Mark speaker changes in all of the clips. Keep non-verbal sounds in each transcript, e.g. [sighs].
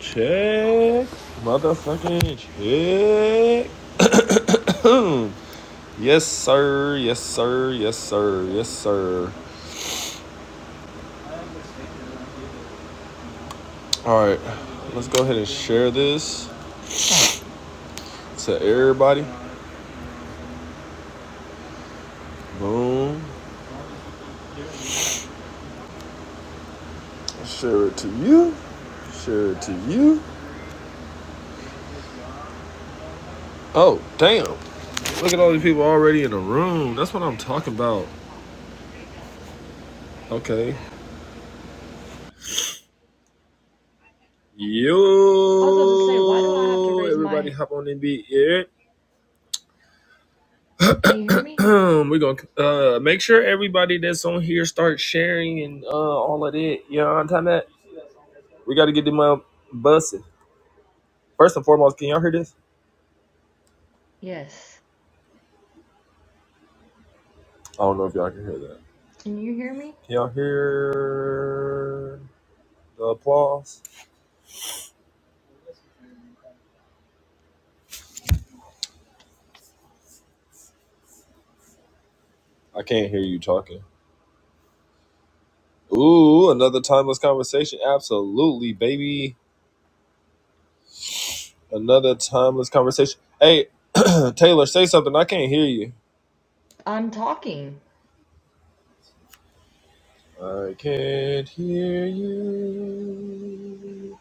Speaker 1: Check. Motherfucking check. Mm. Yes, sir. Yes, sir. Yes, sir. Yes, sir. All right. Let's go ahead and share this to everybody. Boom. Share it to you. Share it to you. Oh, damn. Look at all these people already in the room. That's what I'm talking about. Okay.
Speaker 2: I was about to say, why do I have to
Speaker 1: Yo,
Speaker 2: raise
Speaker 1: everybody
Speaker 2: my.
Speaker 1: hop on and be it.
Speaker 2: Can you hear
Speaker 1: [clears throat]
Speaker 2: me?
Speaker 1: We're gonna uh, make sure everybody that's on here start sharing and uh, all of that. You know what I'm talking about? We gotta get them up busted. First and foremost, can y'all hear this?
Speaker 2: Yes.
Speaker 1: I don't know if y'all can hear that.
Speaker 2: Can you hear me?
Speaker 1: Can y'all hear the applause? I can't hear you talking. Ooh, another timeless conversation. Absolutely, baby. Another timeless conversation. Hey, [clears throat] Taylor, say something. I can't hear you.
Speaker 2: I'm talking.
Speaker 1: I can't hear you.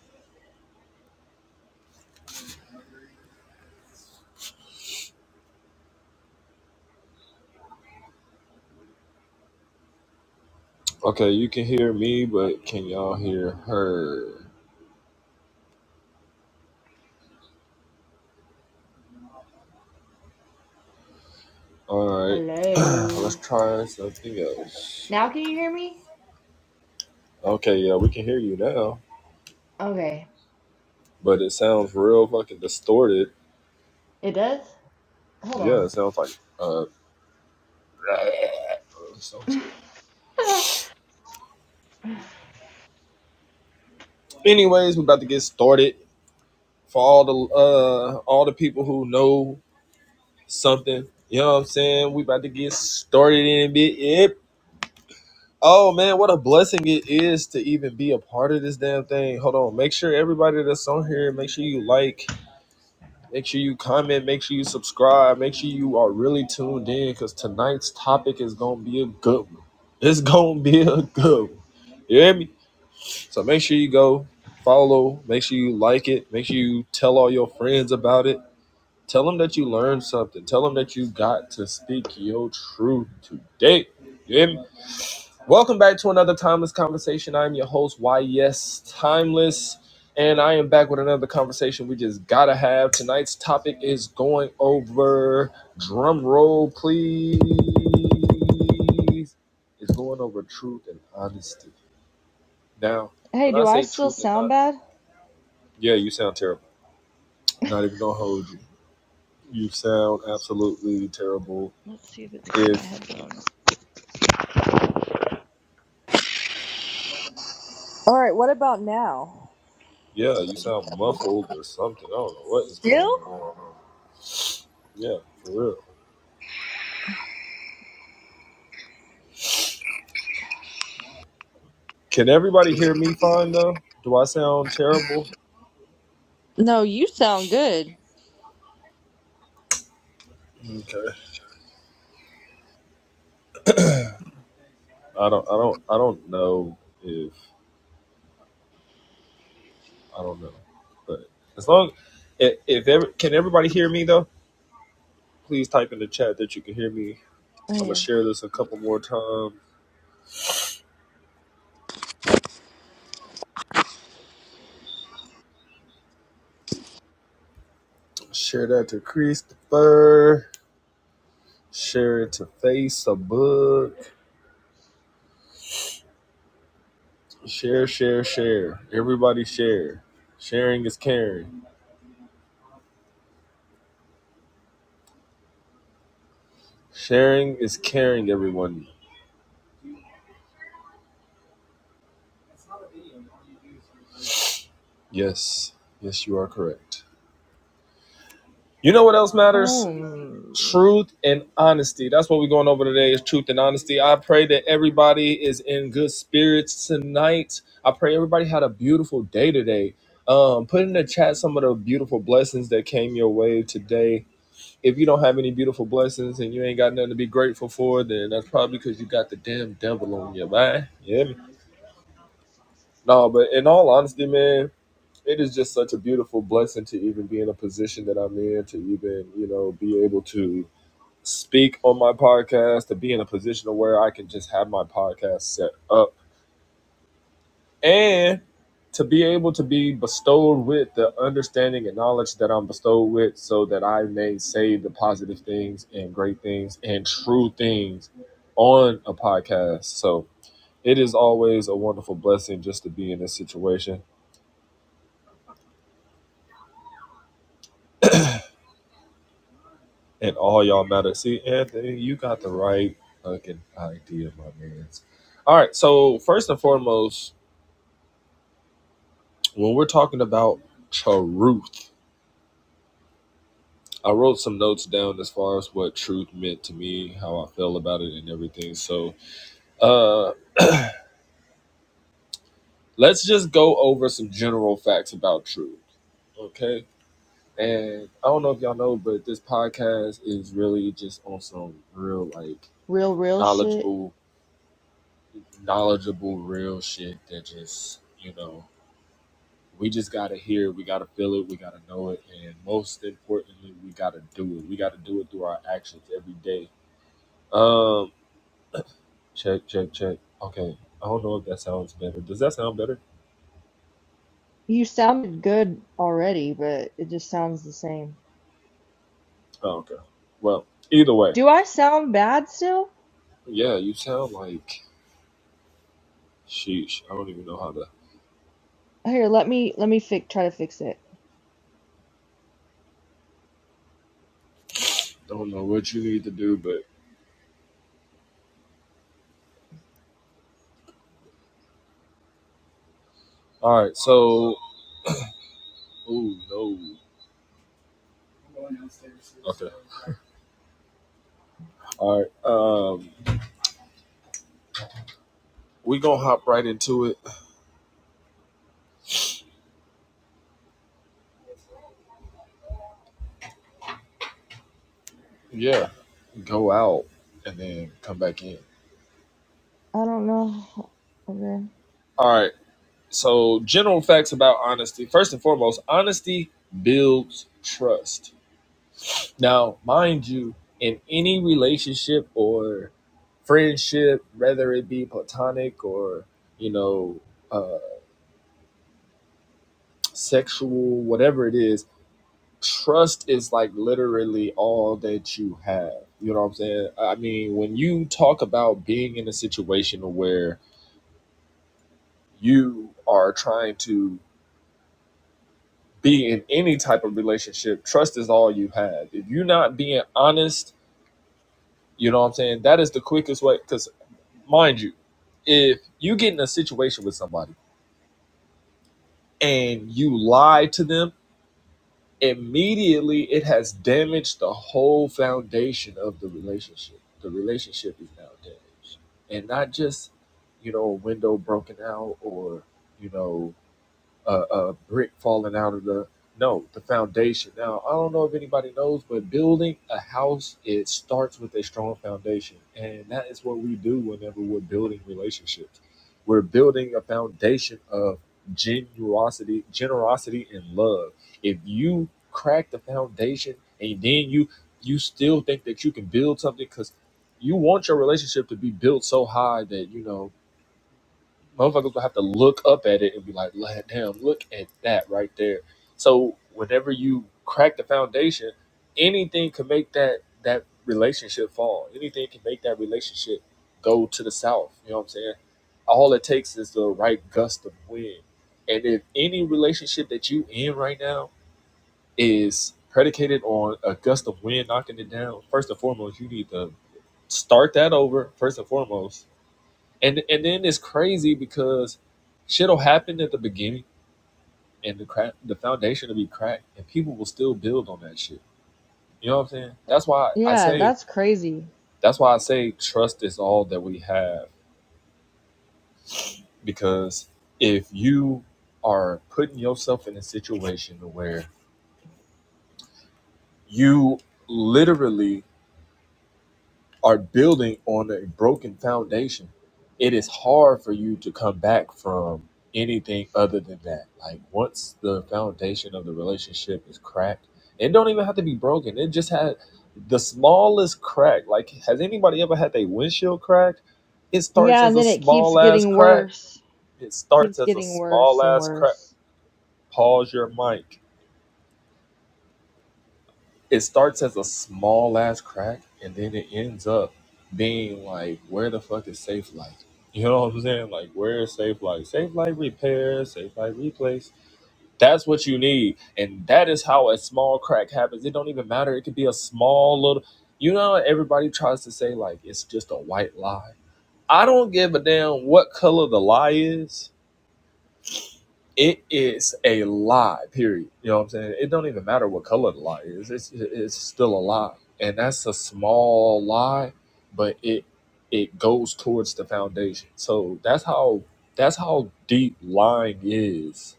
Speaker 1: Okay, you can hear me, but can y'all hear her? All right, [clears throat] let's
Speaker 2: Hello.
Speaker 1: try something else.
Speaker 2: Now can you hear me?
Speaker 1: Okay, yeah, we can hear you now,
Speaker 2: Okay.
Speaker 1: but it sounds real fucking distorted.
Speaker 2: It does?
Speaker 1: Yeah,
Speaker 2: Hold
Speaker 1: it sounds like uh, [clears throat] some
Speaker 2: on.
Speaker 1: shit.
Speaker 2: [laughs]
Speaker 1: Anyways, we're about to get started. For all the uh, all the people who know something, you know what I'm saying. We about to get started in a bit. Yep. Oh man, what a blessing it is to even be a part of this damn thing. Hold on. Make sure everybody that's on here, make sure you like, make sure you comment, make sure you subscribe, make sure you are really tuned in because tonight's topic is gonna be a good one. It's gonna be a good one. You hear me? So make sure you go follow, make sure you like it, make sure you tell all your friends about it. Tell them that you learned something. Tell them that you got to speak your truth today. You hear me? Welcome back to another Timeless Conversation. I'm your host, YS Timeless, and I am back with another conversation we just gotta have. Tonight's topic is going over drum roll, please. It's going over truth and honesty. Now,
Speaker 2: Hey,
Speaker 1: when I
Speaker 2: do I
Speaker 1: say
Speaker 2: still
Speaker 1: truth and
Speaker 2: sound
Speaker 1: not,
Speaker 2: bad?
Speaker 1: yeah, you sound terrible.
Speaker 2: [laughs]
Speaker 1: Not even gonna hold you. You sound absolutely terrible.
Speaker 2: Let's see if it's in my
Speaker 1: If
Speaker 2: headphones. All right, what about now?
Speaker 1: yeah, you sound muffled or something. I don't know what is going on.
Speaker 2: Still?
Speaker 1: Yeah, for real. Can everybody hear me fine though? Do I sound terrible?
Speaker 2: No, you sound good.
Speaker 1: Okay. I don't I don't I don't know if I don't know. But as long if, if ever, can everybody hear me though? Please type in the chat that you can hear me. I'm gonna
Speaker 2: Damn.
Speaker 1: share this a couple more times. Share that to Christopher. Share it to Facebook. Share, share, share. Everybody share. Sharing is caring. Sharing is caring, everyone. Yes. Yes, you are correct. You know what else matters?
Speaker 2: Oh.
Speaker 1: Truth and honesty. That's what we're going over today is truth and honesty. I pray that everybody is in good spirits tonight. I pray everybody had a beautiful day today. Um, put in the chat some of the beautiful blessings that came your way today. If you don't have any beautiful blessings and you ain't got nothing to be grateful for, then that's probably because you got the damn devil on you, man. Yeah. No, but in all honesty, man, it is just such a beautiful blessing to even be in a position that I'm in, to even, you know, be able to speak on my podcast, to be in a position of where I can just have my podcast set up and to be able to be bestowed with the understanding and knowledge that I'm bestowed with so that I may say the positive things and great things and true things on a podcast. So it is always a wonderful blessing just to be in this situation and all y'all matter. See, Anthony, you got the right fucking idea, my man. All right, so first and foremost, when we're talking about truth, I wrote some notes down as far as what truth meant to me, how I felt about it, and everything. So, uh, let's just go over some general facts about truth, okay? And I don't know if y'all know, but this podcast is really just on some real, like,
Speaker 2: Real, real shit.
Speaker 1: knowledgeable, knowledgeable, real shit that just you know we just gotta hear it, we gotta feel it, we gotta know it, and most importantly, we gotta do it. We gotta do it through our actions every day. Um, check, check, check. Okay, I don't know if that sounds better. Does that sound better?
Speaker 2: You sounded good already, but it just sounds the same.
Speaker 1: Oh, okay. Well, either way,
Speaker 2: Do I sound bad still?
Speaker 1: yeah, you sound like sheesh. I don't even know how to.
Speaker 2: Here, let me let me fix try to fix it.
Speaker 1: Don't know what you need to do, but all right. So, oh no. I'm going downstairs. Okay. All right. Um, we gonna hop right into it. Yeah, go out and then come back in.
Speaker 2: I don't know. Okay.
Speaker 1: All right. So, general facts about honesty. First and foremost, honesty builds trust. Now, mind you, in any relationship or friendship, whether it be platonic or, you know, uh, sexual, whatever it is, trust is like literally all that you have. You know what I'm saying? I mean, when you talk about being in a situation where you are trying to be in any type of relationship, trust is all you have. If you're not being honest, you know what I'm saying? That is the quickest way. Because, mind you, if you get in a situation with somebody and you lie to them, immediately it has damaged the whole foundation of the relationship. The relationship is now damaged. And not just, you know, a window broken out or, you know, a, a brick falling out of the no the foundation now i don't know if anybody knows but building a house it starts with a strong foundation and that is what we do whenever we're building relationships we're building a foundation of generosity generosity and love if you crack the foundation and then you you still think that you can build something because you want your relationship to be built so high that you know motherfuckers will have to look up at it and be like, "Lad, damn, look at that right there." So whenever you crack the foundation, anything can make that that relationship fall. Anything can make that relationship go to the south. You know what I'm saying? All it takes is the right gust of wind. And if any relationship that you in right now is predicated on a gust of wind knocking it down, first and foremost, you need to start that over. First and foremost, and and then it's crazy because shit'll happen at the beginning and the crack the foundation will be cracked and people will still build on that shit you know what i'm saying that's why i
Speaker 2: Yeah,
Speaker 1: say
Speaker 2: that's crazy.
Speaker 1: that's why i say trust is all that we have because if you are putting yourself in a situation where you literally are building on a broken foundation, it is hard for you to come back from anything other than that. Like once the foundation of the relationship is cracked, it don't even have to be broken. It just had the smallest crack. Like has anybody ever had their windshield cracked? It starts
Speaker 2: Yeah,
Speaker 1: as
Speaker 2: and
Speaker 1: a
Speaker 2: then it keeps
Speaker 1: small ass
Speaker 2: getting
Speaker 1: crack.
Speaker 2: worse.
Speaker 1: It starts
Speaker 2: Keeps
Speaker 1: as a
Speaker 2: getting
Speaker 1: small
Speaker 2: worse and
Speaker 1: ass crack.
Speaker 2: worse.
Speaker 1: Pause your mic it starts as a small ass crack and then it ends up being like where the fuck is safe light?" you know what i'm saying like where is safe light? safe light repair safe light replace that's what you need and that is how a small crack happens it don't even matter it could be a small little you know everybody tries to say like it's just a white lie i don't give a damn what color the lie is it is a lie period you know what i'm saying it don't even matter what color the lie is it's, it's still a lie and that's a small lie but it it goes towards the foundation so that's how that's how deep lying is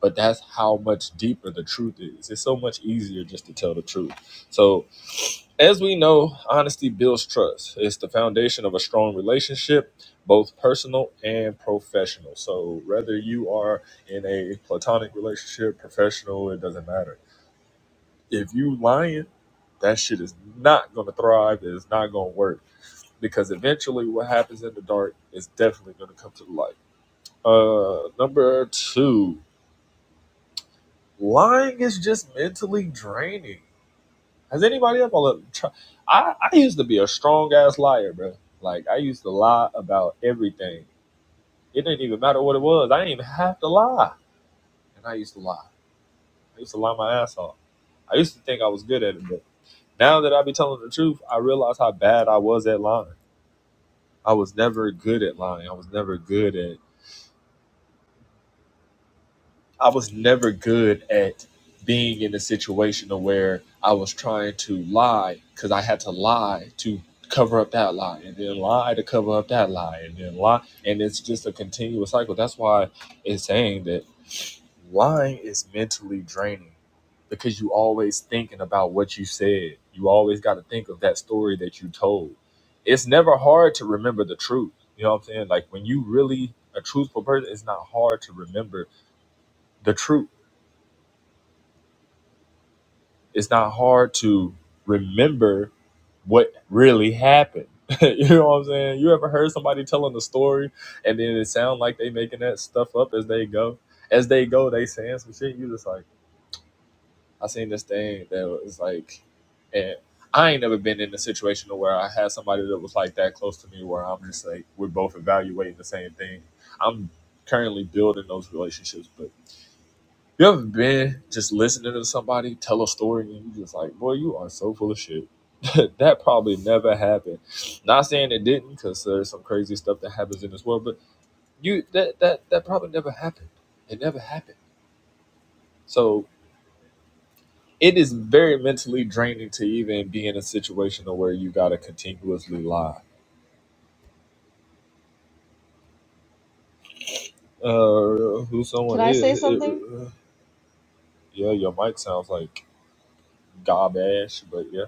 Speaker 1: but that's how much deeper the truth is it's so much easier just to tell the truth so as we know, honesty builds trust. It's the foundation of a strong relationship, both personal and professional. So, whether you are in a platonic relationship, professional, it doesn't matter. If you lying, that shit is not going to thrive. It's not going to work because eventually, what happens in the dark is definitely going to come to the light. Uh, number two, lying is just mentally draining. Has anybody ever? tr- I I used to be a strong ass liar, bro. Like I used to lie about everything. It didn't even matter what it was. I didn't even have to lie, and I used to lie. I used to lie my ass off. I used to think I was good at it, but now that I be telling the truth, I realize how bad I was at lying. I was never good at lying. I was never good at I was never good at being in a situation where I was trying to lie because I had to lie to cover up that lie and then lie to cover up that lie and then lie. And it's just a continuous cycle. That's why it's saying that lying is mentally draining because you always thinking about what you said. You always got to think of that story that you told. It's never hard to remember the truth. You know what I'm saying? Like when you really a truthful person, it's not hard to remember the truth it's not hard to remember what really happened. [laughs] you know what I'm saying? You ever heard somebody telling a story and then it sound like they making that stuff up as they go? As they go, they saying some shit. You just like, I seen this thing that was like, and I ain't never been in a situation where I had somebody that was like that close to me where I'm just like, we're both evaluating the same thing. I'm currently building those relationships, but you ever been just listening to somebody tell a story and you just like, boy, you are so full of shit. [laughs] that probably never happened. Not saying it didn't, because there's some crazy stuff that happens in this world, but you that that that probably never happened. It never happened. So it is very mentally draining to even be in a situation where you gotta continuously lie. Uh, who
Speaker 2: Can
Speaker 1: someone
Speaker 2: I
Speaker 1: is?
Speaker 2: say
Speaker 1: It,
Speaker 2: something?
Speaker 1: uh, yeah, your mic sounds like garbage, but yeah,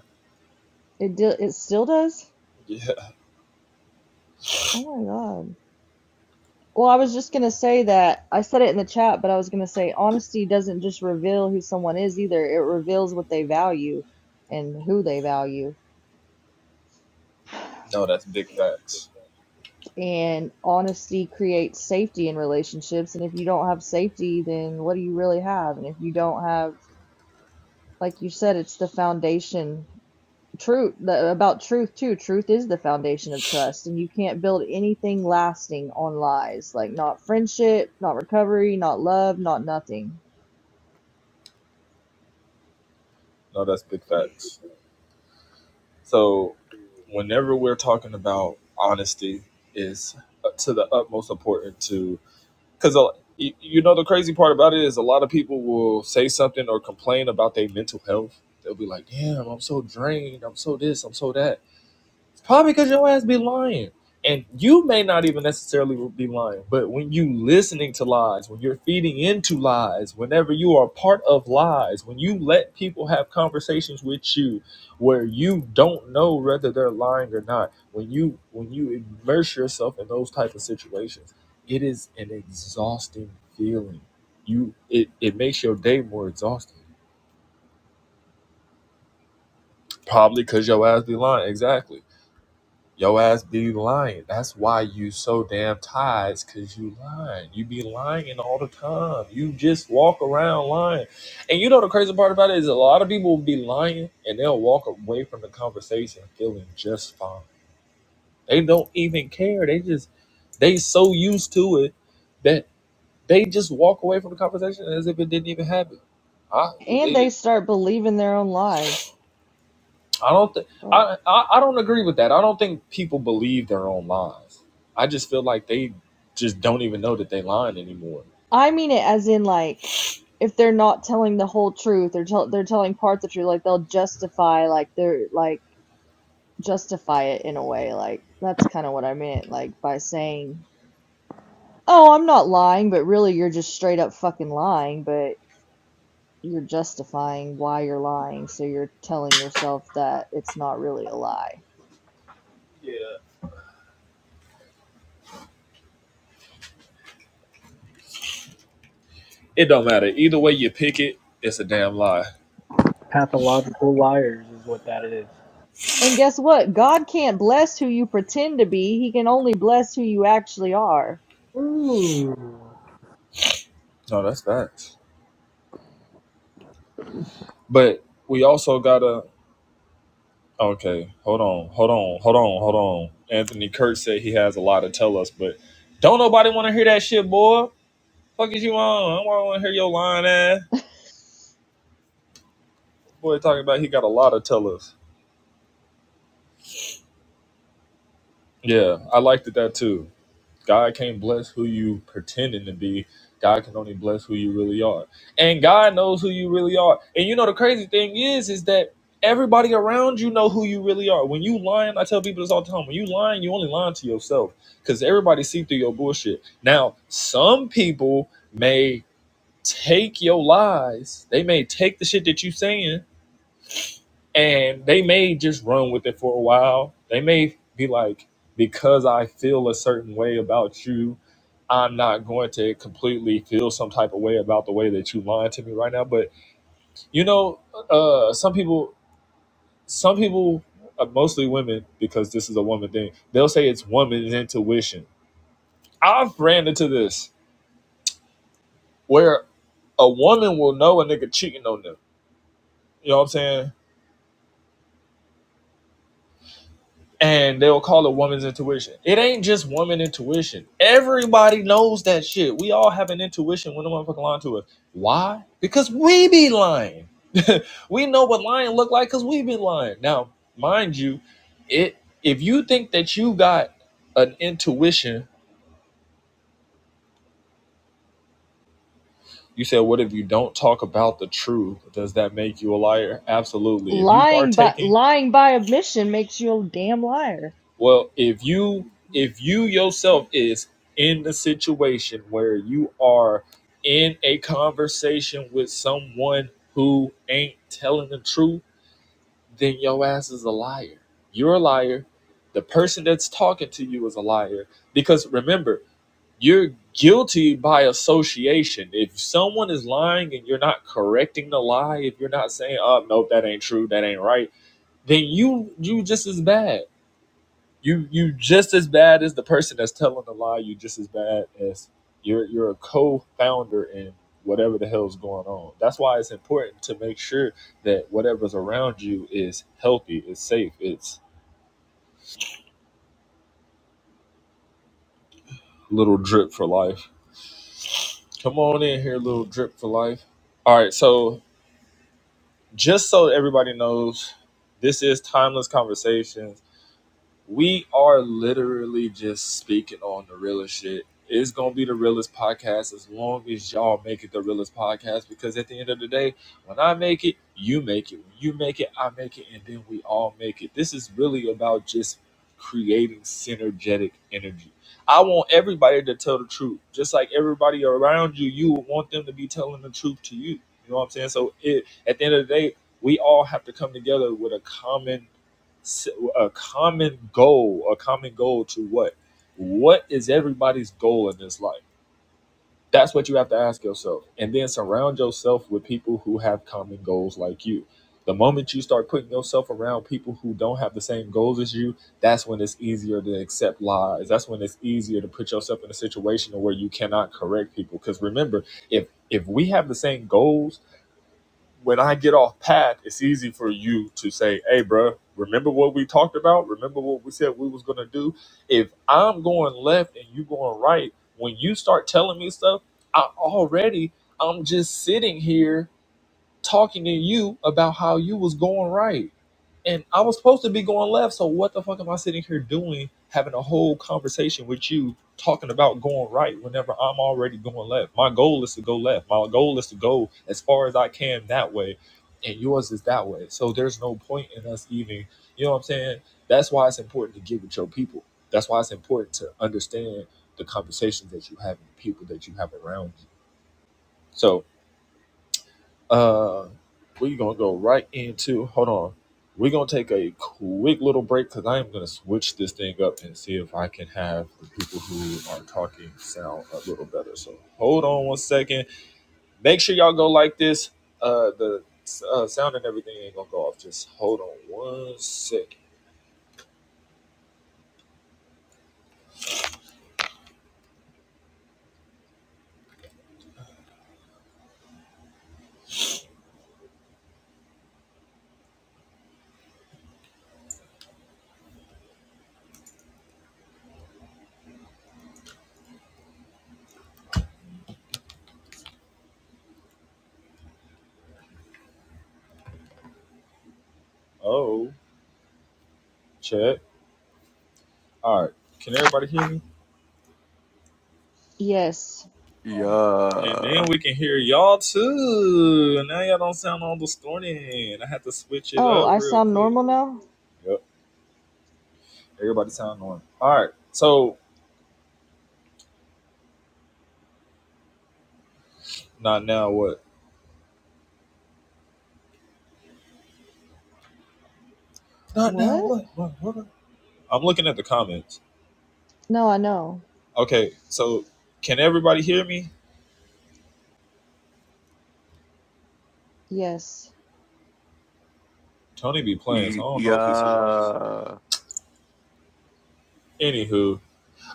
Speaker 2: It di it still does?
Speaker 1: [laughs] yeah.
Speaker 2: Oh my God. Well, I was just gonna say that I said it in the chat, but I was gonna say honesty doesn't just reveal who someone is either. It reveals what they value and who they value.
Speaker 1: No, that's big facts.
Speaker 2: And honesty creates safety in relationships. And if you don't have safety, then what do you really have? And if you don't have, like you said, it's the foundation truth the, about truth too. Truth is the foundation of trust, and you can't build anything lasting on lies, like not friendship, not recovery, not love, not nothing.
Speaker 1: No, that's big facts. So, whenever we're talking about honesty, is to the utmost important to because you know the crazy part about it is a lot of people will say something or complain about their mental health. They'll be like, "Damn, I'm so drained. I'm so this. I'm so that." Probably because your ass be lying. And you may not even necessarily be lying, but when you listening to lies, when you're feeding into lies, whenever you are part of lies, when you let people have conversations with you where you don't know whether they're lying or not, when you when you immerse yourself in those type of situations, it is an exhausting feeling. You it, it makes your day more exhausting. Probably because your ass be lying, exactly. Yo ass be lying. That's why you so damn tired, is cause you lying. You be lying all the time. You just walk around lying. And you know the crazy part about it is a lot of people will be lying and they'll walk away from the conversation feeling just fine. They don't even care. They just they so used to it that they just walk away from the conversation as if it didn't even happen. I,
Speaker 2: And
Speaker 1: they,
Speaker 2: they start believing their own lies.
Speaker 1: I don't think
Speaker 2: Fuck.
Speaker 1: I, I I don't agree with that. I don't think people believe their own lies. I just feel like they just don't even know that they lying anymore.
Speaker 2: I mean it as in like if they're not telling the whole truth, they're tell they're telling parts of the truth, like they'll justify like they're like justify it in a way. Like, that's kind of what I meant. Like, by saying, oh, I'm not lying, but really you're just straight up fucking lying, but you're justifying why you're lying. So you're telling yourself that it's not really a lie.
Speaker 1: It don't matter. Either way you pick it, it's a damn lie.
Speaker 3: Pathological liars is what that is.
Speaker 2: And guess what? God can't bless who you pretend to be, He can only bless who you actually are.
Speaker 3: Ooh.
Speaker 1: No, that's facts. But we also gotta okay, hold on, hold on, hold on, hold on. Anthony Kurt said he has a lot to tell us, but don't nobody wanna hear that shit, boy. Fuck is you on? I don't wanna hear your lying ass.
Speaker 2: [laughs]
Speaker 1: Boy talking about he got a lot to tell us. Yeah, I liked it that too. God can't bless who you pretending to be. God can only bless who you really are. And God knows who you really are. And you know the crazy thing is, is that everybody around you know who you really are. When you lying, I tell people this all the time. When you lying, you only lying to yourself. Because everybody see through your bullshit. Now, some people may take your lies. They may take the shit that you saying and they may just run with it for a while. They may be like, because I feel a certain way about you, I'm not going to completely feel some type of way about the way that you lying to me right now. But you know, uh, some people, some people, uh, mostly women, because this is a woman thing, they'll say it's woman's intuition. I've ran into this where a woman will know a nigga cheating on them. You know what I'm saying? and they'll call it woman's intuition. It ain't just woman intuition. Everybody knows that shit. We all have an intuition when the motherfucker lying to us. Why? Because we be lying. [laughs] we know what lying look like because we be lying. Now, mind you, it if you think that you got an intuition, you said, what if you don't talk about the truth? Does that make you a liar? Absolutely. If you
Speaker 2: Lying by
Speaker 1: partaking
Speaker 2: lying by admission makes you a damn liar.
Speaker 1: Well, if you if you yourself is in the situation where you are in a conversation with someone who ain't telling the truth, then your ass is a liar. You're a liar. The person that's talking to you is a liar because remember, you're guilty by association. If someone is lying and you're not correcting the lie, if you're not saying, "Oh, nope, that ain't true, that ain't right," then you you just as bad you you just as bad as the person that's telling the lie. You just as bad as you're you're a co-founder in whatever the hell's going on. That's why it's important to make sure that whatever's around you is healthy, it's safe, it's little drip for life. Come on in here, little drip for life. All right, so just so everybody knows, this is timeless conversations we are literally just speaking on the realest shit. It's gonna be the realest podcast as long as y'all make it the realest podcast. Because at the end of the day, when I make it, you make it. When you make it, I make it, and then we all make it. This is really about just creating synergetic energy. I want everybody to tell the truth, just like everybody around you. You want them to be telling the truth to you. You know what I'm saying? So it, at the end of the day, we all have to come together with a common s- a common goal, a common goal to what? What is everybody's goal in this life? That's what you have to ask yourself. And then surround yourself with people who have common goals like you. The moment you start putting yourself around people who don't have the same goals as you, that's when it's easier to accept lies. That's when it's easier to put yourself in a situation where you cannot correct people. Because remember, if if we have the same goals, when I get off path, it's easy for you to say, "Hey, bro, remember what we talked about? Remember what we said we was gonna do?" If I'm going left and you going right, when you start telling me stuff, I already I'm just sitting here talking to you about how you was going right and I was supposed to be going left. So what the fuck am I sitting here doing, having a whole conversation with you, talking about going right whenever I'm already going left? My goal is to go left. My goal is to go as far as I can that way, and yours is that way. So there's no point in us even, you know what I'm saying? That's why it's important to get with your people. That's why it's important to understand the conversations that you have and the people that you have around you. So uh, we're gonna go right into. Hold on, we're gonna take a quick little break because I am gonna switch this thing up and see if I can have the people who are talking sound a little better. So hold on one second. Make sure y'all go like this. Uh, the uh, sound and everything ain't gonna go off. Just hold on one second. Oh, check. All right, can everybody hear me?
Speaker 2: Yes.
Speaker 1: All right. And then
Speaker 4: Yeah.
Speaker 1: we can hear y'all too. Now y'all don't sound all distorted. I had to switch it
Speaker 2: Oh,
Speaker 1: up
Speaker 2: I
Speaker 1: real
Speaker 2: sound
Speaker 1: quick.
Speaker 2: normal now?
Speaker 1: Yep. Everybody sound on. All right. So not now what? Not now
Speaker 2: What?
Speaker 1: what? What? what? I'm looking at the comments.
Speaker 2: No, I know.
Speaker 1: Okay. So can everybody hear me?
Speaker 2: Yes.
Speaker 1: Tony be playing, so
Speaker 4: He-
Speaker 1: I don't know if he's serious.
Speaker 4: Yeah.
Speaker 1: Anywho,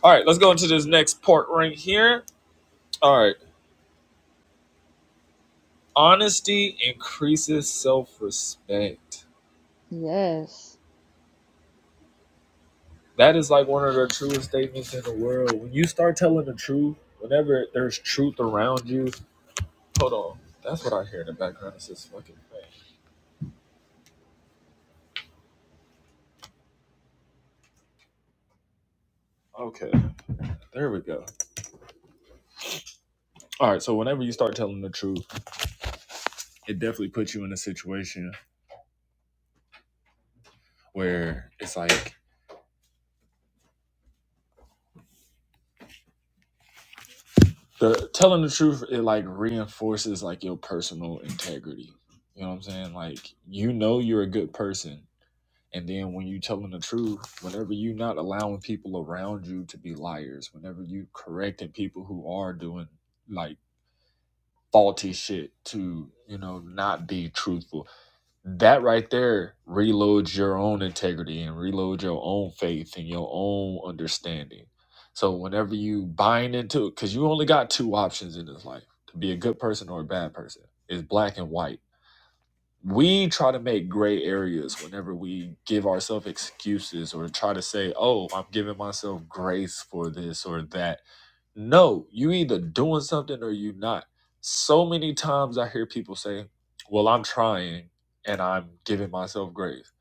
Speaker 1: all right. Let's go into this next part right here. All right. Honesty increases self-respect.
Speaker 2: Yes.
Speaker 1: That is like one of the truest statements in the world. When you start telling the truth, whenever there's truth around you, hold on. That's what I hear in the background. It's this fucking thing. Okay. There we go. All right, so whenever you start telling the truth, it definitely puts you in a situation where it's like the telling the truth it like reinforces like your personal integrity. You know what I'm saying? Like you know you're a good person, and then when you telling the truth, whenever you not allowing people around you to be liars, whenever you correcting people who are doing like faulty shit to you know not be truthful that right there reloads your own integrity and reloads your own faith and your own understanding. So whenever you buying into it, because you only got two options in this life to be a good person or a bad person. It's black and white. We try to make gray areas whenever we give ourselves excuses or try to say, oh, I'm giving myself grace for this or that no, you either doing something or you not. So many times I hear people say, "Well, I'm trying and I'm giving myself grace."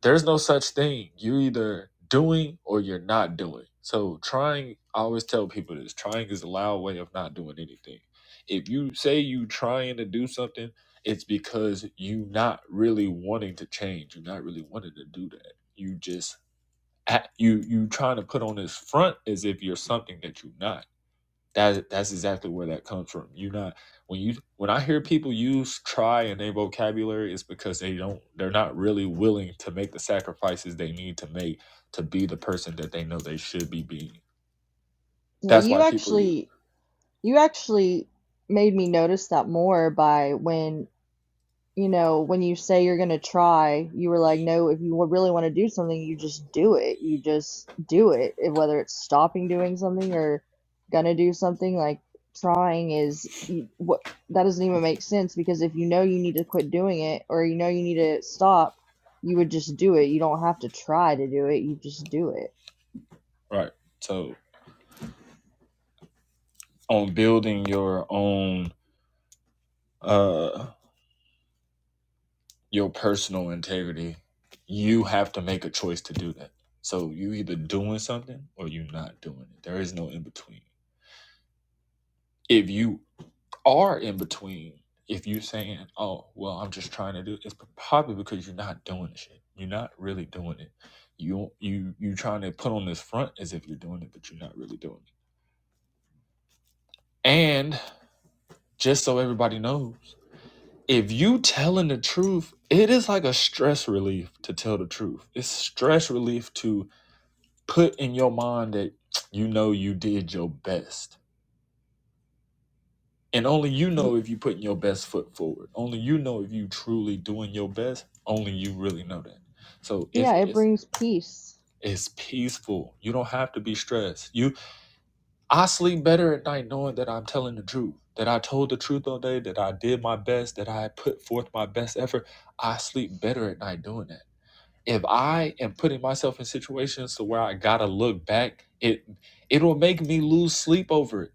Speaker 1: There's no such thing. You're either doing or you're not doing. So trying, I always tell people this: trying is a loud way of not doing anything. If you say you trying to do something, it's because you not really wanting to change. You're not really wanting to do that. You just act- you you trying to put on this front as if you're something that you're not that that's exactly where that comes from. You're not when you when I hear people use try in their vocabulary, it's because they don't they're not really willing to make the sacrifices they need to make to be the person that they know they should be being.
Speaker 2: Yeah,
Speaker 1: That's why
Speaker 2: you
Speaker 1: people use
Speaker 2: actually you actually made me notice that more by when, you know, when you say you're gonna try, you were like, no, if you wa- really want to do something, you just do it. You just do it. And Whether it's stopping doing something or gonna do something, like trying is you, what that doesn't even make sense because if you know you need to quit doing it or you know you need to stop, you would just do it. You don't have to try to do it. You just do it.
Speaker 1: it. right. So on building your own uh your personal integrity, you have to make a choice to do that. So you either doing something or you're not doing it. There is no in between. If you are in between, if you're saying, "Oh, well, I'm just trying to do," it's probably because you're not doing the shit. You're not really doing it. You you you trying to put on this front as if you're doing it, but you're not really doing it. And just so everybody knows, if you telling the truth, it is like a stress relief to tell the truth. It's stress relief to put in your mind that you know you did your best And only you
Speaker 2: Y-
Speaker 1: know if you're putting your best foot forward. Only you know if you truly doing your best. Only you really know that. So it's
Speaker 2: Yeah, it
Speaker 1: it's
Speaker 2: brings peace.
Speaker 1: it's peaceful. You don't have to be stressed. You I sleep better at night knowing that I'm telling the truth. That I told the truth all day, that I did my best, that I put forth my best effort. I sleep better at night doing that. If I am putting myself in situations to where I gotta look back, it it'll make me lose sleep over it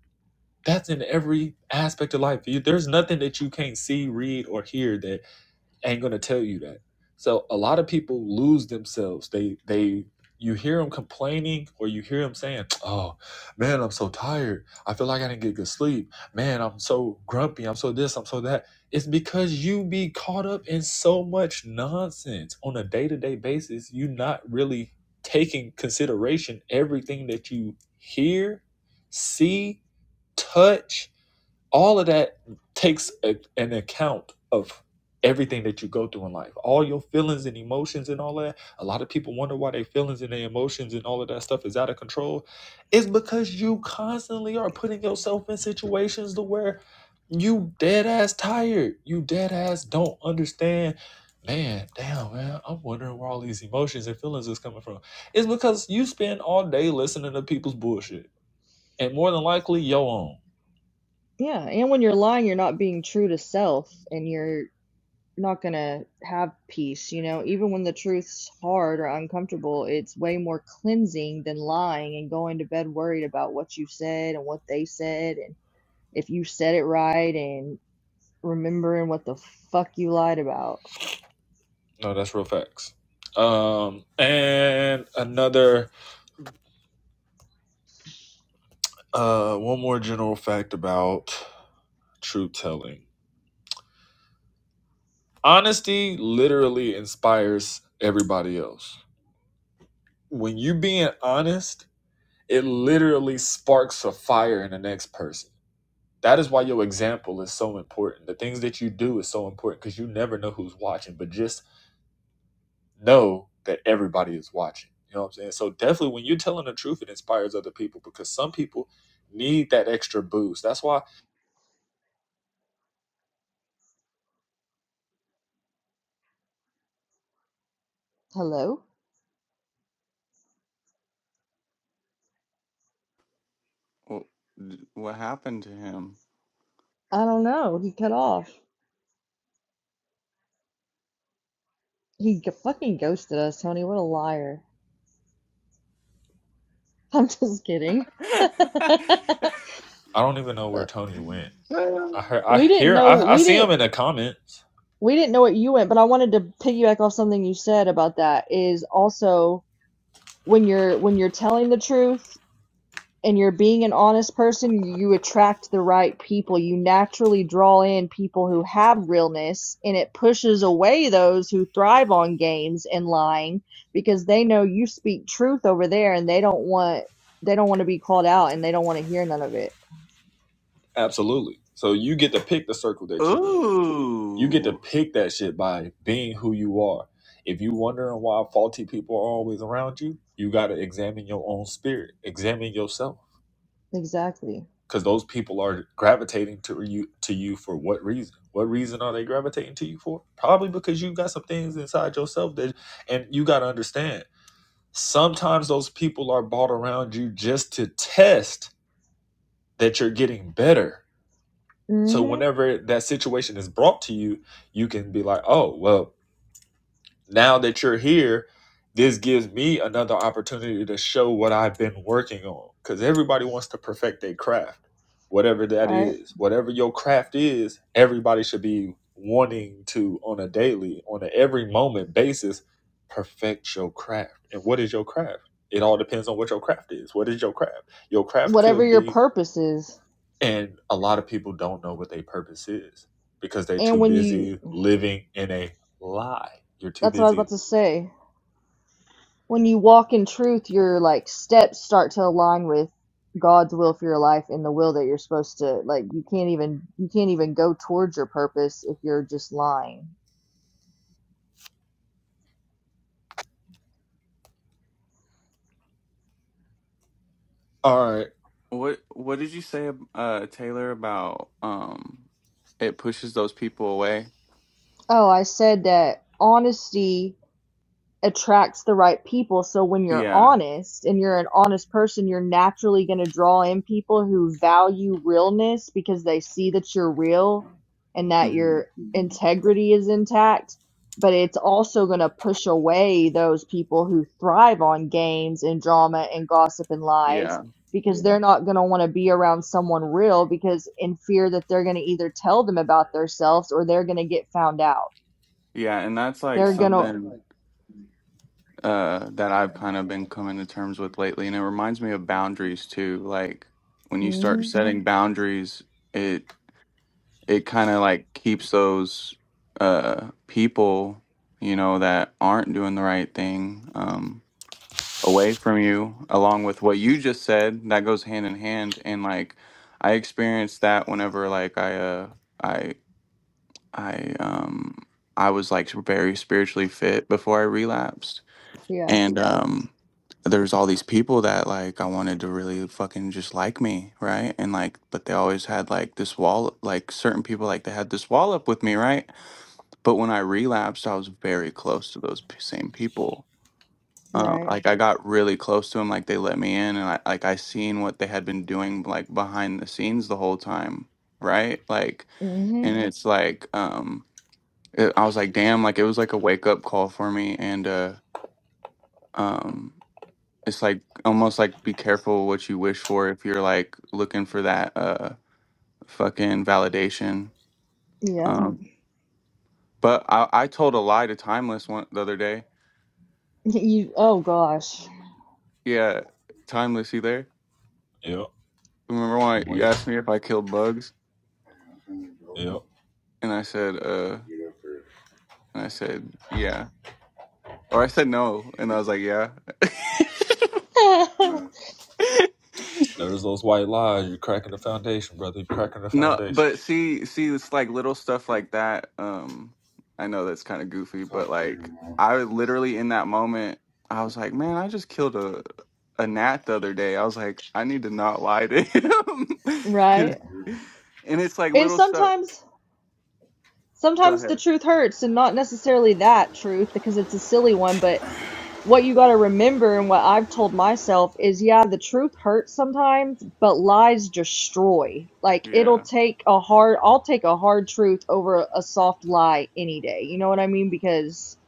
Speaker 1: that's in every aspect of life. You, there's nothing that you can't see, read, or hear that ain't gonna tell you that. So a lot of people lose themselves. They they you hear them complaining or you hear them saying, "Oh man, I'm so tired. I feel like I didn't get good sleep. Man, I'm so grumpy. I'm so this. I'm so that." It's because you be caught up in so much nonsense on a day to day basis. You not really taking consideration everything that you hear, see, touch, all of that takes a, an account of everything that you go through in life all your feelings and emotions and all that a lot of people wonder why their feelings and their emotions and all of that stuff is out of control it's because you constantly are putting yourself in situations to where you dead ass tired you dead ass don't understand man damn man i'm wondering where all these emotions and feelings is coming from it's because you spend all day listening to people's bullshit and more than likely your own
Speaker 2: Yeah, and when you're lying, you're not being true to self and you're not gonna have peace, you know? Even when the truth's hard or uncomfortable, it's way more cleansing than lying and going to bed worried about what you said and what they said and if you said it right and remembering what the fuck you lied about.
Speaker 1: No, that's real facts. Um, and another, uh, one more general fact about truth telling. Honesty literally inspires everybody else. When you being honest, it literally sparks a fire in the next person. That is why your example is so important. The things that you do is so important because you never know who's watching. But just know that everybody is watching. You know what I'm saying? So definitely when you're telling the truth, it inspires other people because some people need that extra boost. That's why
Speaker 2: Hello?
Speaker 4: Wh- What happened to him?
Speaker 2: I don't know. He cut off. He g- fucking ghosted us, Tony. What a liar. [laughs] I'm just kidding.
Speaker 1: I don't even know where
Speaker 2: [laughs]
Speaker 1: Tony went. I heard I
Speaker 2: we didn't
Speaker 1: hear
Speaker 2: know
Speaker 1: I, I
Speaker 2: we
Speaker 1: see
Speaker 2: didn't
Speaker 1: him in the comments.
Speaker 2: we didn't know what you went, but I wanted to piggyback off something you said about that is also when you're when you're telling the truth and you're being an honest person, you attract the right people. You naturally draw in people who have realness and it pushes away those who thrive on games and lying because they know you speak truth over there and they don't want they don't want to be called out and they don't want to hear none of it.
Speaker 1: Absolutely. So you get to pick the circle that you in. You get to
Speaker 4: Ooh.
Speaker 1: pick that shit by being who you are. If you wondering why faulty people are always around you, you gotta examine your own spirit. Examine yourself
Speaker 2: Exactly.
Speaker 1: because those people are gravitating to you to you for what reason? What reason are they gravitating to you for? Probably because you got some things inside yourself that, and you got to understand. Sometimes those people are brought around you just to test that you're getting better. So
Speaker 2: Mhm.
Speaker 1: whenever that situation is brought to you, you can be like, "Oh, well, now that you're here, this gives me another opportunity to show what I've been working on. Because everybody wants to perfect their craft, whatever that
Speaker 2: Right.
Speaker 1: is. Whatever your craft is, everybody should be wanting to, on a daily, on an every moment basis, perfect your craft. And what is your craft? It all depends on what your craft is. What is your craft? Your craft
Speaker 2: Whatever
Speaker 1: could
Speaker 2: your
Speaker 1: be,
Speaker 2: purpose is.
Speaker 1: and a lot of people don't know what their purpose is because they're
Speaker 2: And
Speaker 1: too
Speaker 2: when you
Speaker 1: busy living in a lie. You're too
Speaker 2: That's what I was about
Speaker 1: busy
Speaker 2: to say. When you walk in truth, your like steps start to align with God's will for your life and the will that you're supposed to like you can't even you can't even go towards your purpose if you're just lying.
Speaker 1: All right.
Speaker 4: What what did you say uh Taylor about um it pushes those people away?
Speaker 2: Oh, I said that honesty attracts the right people. So when you're
Speaker 4: Yeah.
Speaker 2: honest and you're an honest person, you're naturally going to draw in people who value realness because they see that you're real and that
Speaker 4: hmm
Speaker 2: your integrity is intact. But it's also going to push away those people who thrive on games and drama and gossip and lies
Speaker 4: Yeah.
Speaker 2: because they're not going to want to be around someone real because in fear that they're going to either tell them about themselves or they're going to get found out.
Speaker 4: Yeah, and that's like
Speaker 2: They're going to.
Speaker 4: something uh that I've kind of been coming to terms with lately and it reminds me of boundaries too. Like when you start
Speaker 2: hmm
Speaker 4: setting Mhm. boundaries, it. it kind of like keeps those uh people you know that aren't doing the right thing um away from you along with what you just said that goes hand in hand and like i experienced that whenever like i uh i i um i was like very spiritually fit before i relapsed
Speaker 2: Yeah.
Speaker 4: and um there's all these people that like I wanted to really fucking just like me, right? And like but they always had like this wall like certain people like they had this wall up with me, right? But when I relapsed, I was very close to those p- same people. Uh,
Speaker 2: Right.
Speaker 4: like I got really close to them, like they let me in, and I like I seen what they had been doing like behind the scenes the whole time, right? Like,
Speaker 2: hmm
Speaker 4: and Mhm. it's like um, it, I was like, damn, like it was like a wake up call for me, and uh, um, it's like almost like be careful what you wish for if you're like looking for that uh fucking validation.
Speaker 2: Yep. [laughs]
Speaker 4: Um Mhm. but I I told a lie to Timeless one the other day.
Speaker 2: You, oh gosh.
Speaker 4: Yeah, Timeless you there?
Speaker 1: Yep.
Speaker 4: Remember when
Speaker 1: I'm
Speaker 4: you
Speaker 1: waiting.
Speaker 4: asked me if I killed bugs
Speaker 1: Yep.
Speaker 4: and I said uh and I said yeah. Or I said no and I was like yeah.
Speaker 2: [laughs]
Speaker 1: There's those white lies. You're cracking the foundation, brother. You're cracking the
Speaker 4: No,
Speaker 1: foundation.
Speaker 4: but see, see, it's like little stuff like that. Um, I know that's kind of goofy, but like I literally in that moment, I was like, man, I just killed a a gnat the other day. I was like, I need to not lie to him, [laughs] 'Cause-
Speaker 2: Right.
Speaker 4: and it's like
Speaker 2: And
Speaker 4: little stuff.
Speaker 2: sometimes
Speaker 4: Go
Speaker 2: sometimes the
Speaker 4: ahead.
Speaker 2: truth hurts and not necessarily that truth because it's a silly one, but what you got to remember and what I've told myself is yeah, the truth hurts sometimes, but lies destroy. Like it'll
Speaker 4: Yeah,
Speaker 2: take a hard I'll take a hard truth over a soft lie any day. You know what I mean? Because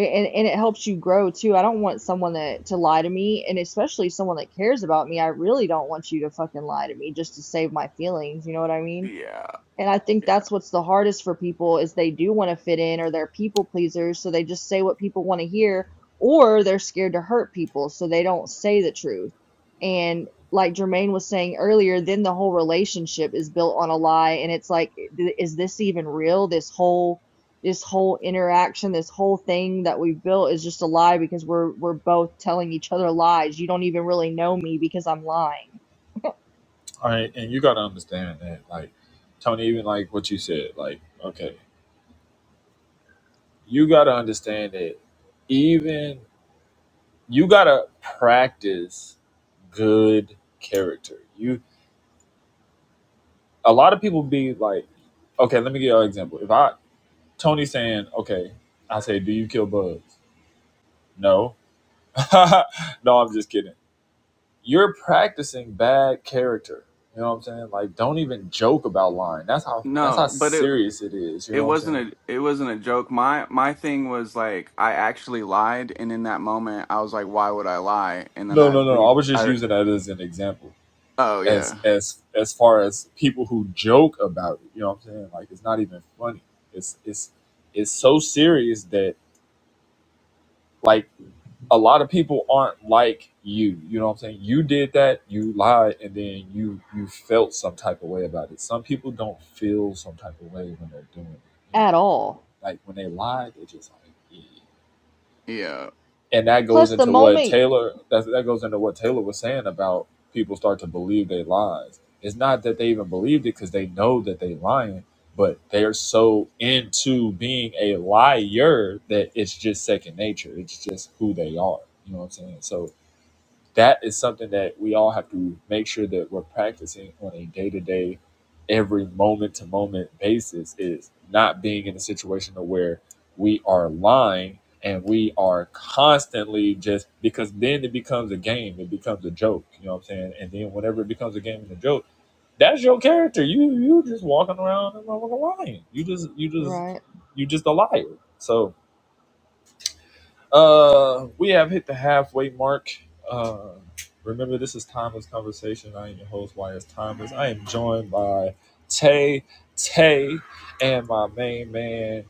Speaker 2: and and it helps you grow too. I don't want someone that to lie to me, and especially someone that cares about me. I really don't want you to fucking lie to me just to save my feelings. You know what I mean?
Speaker 4: yeah,
Speaker 2: And I think
Speaker 4: yeah.
Speaker 2: that's what's the hardest for people is they do want to fit in or they're people pleasers, so they just say what people want to hear or they're scared to hurt people, so they don't say the truth. And like Jermaine was saying earlier, then the whole relationship is built on a lie and it's like th- is this even real? This whole this whole interaction, this whole thing that we've built is just a lie because we're we're both telling each other lies. You don't even really know me because I'm lying
Speaker 1: All right. And you got to understand that, like, Tony, even like what you said, like, okay, you got to understand that even you got to practice good character. You, a lot of people be like, okay, let me give you an example. If I, Tony saying, okay, I say, do you kill bugs? No. [laughs] no, I'm just kidding. you're practicing bad character. You know what I'm saying? Like, don't even joke about lying. That's how that's how
Speaker 4: No, but it
Speaker 1: serious it is. You
Speaker 4: it
Speaker 1: know what I'm
Speaker 4: wasn't
Speaker 1: saying?
Speaker 4: a it wasn't a joke. My my thing was like I actually lied, and in that moment, I was like, why would I lie? And then
Speaker 1: No,
Speaker 4: I
Speaker 1: no, no.
Speaker 4: re
Speaker 1: I was just
Speaker 4: I
Speaker 1: using that as an example.
Speaker 4: oh
Speaker 1: As
Speaker 4: yeah.
Speaker 1: as as far as people who joke about it, you know what I'm saying? Like, it's not even funny. It's it's it's so serious that like a lot of people aren't like you. You know what I'm saying? You did that, you lied, and then you you felt some type of way about it. Some people don't feel some type of way when they're doing it. You know what I'm
Speaker 2: at
Speaker 1: saying? Like
Speaker 2: all.
Speaker 1: like when they lie, they just like yeah.
Speaker 4: Yeah,
Speaker 1: And that goes
Speaker 2: Plus the
Speaker 1: into what
Speaker 2: moment,
Speaker 1: Taylor that that goes into what Taylor was saying about people start to believe they lies. It's not that they even believed it because they know that they lying, but they're so into being a liar that it's just second nature. It's just who they are. You know what I'm saying? So that is something that we all have to make sure that we're practicing on a day to day, every moment to moment basis is not being in a situation of where we are lying and we are constantly just because then it becomes a game, it becomes a joke, you know what I'm saying? And then whenever it becomes a game and a joke, that's your character. You you just walking around and lying. You just you just
Speaker 2: right?
Speaker 1: you just a liar. So uh, we have hit the halfway mark. Uh, remember, this is Timeless Conversation. I am your host, YS Timeless. I am joined by Tay Tay and my main man.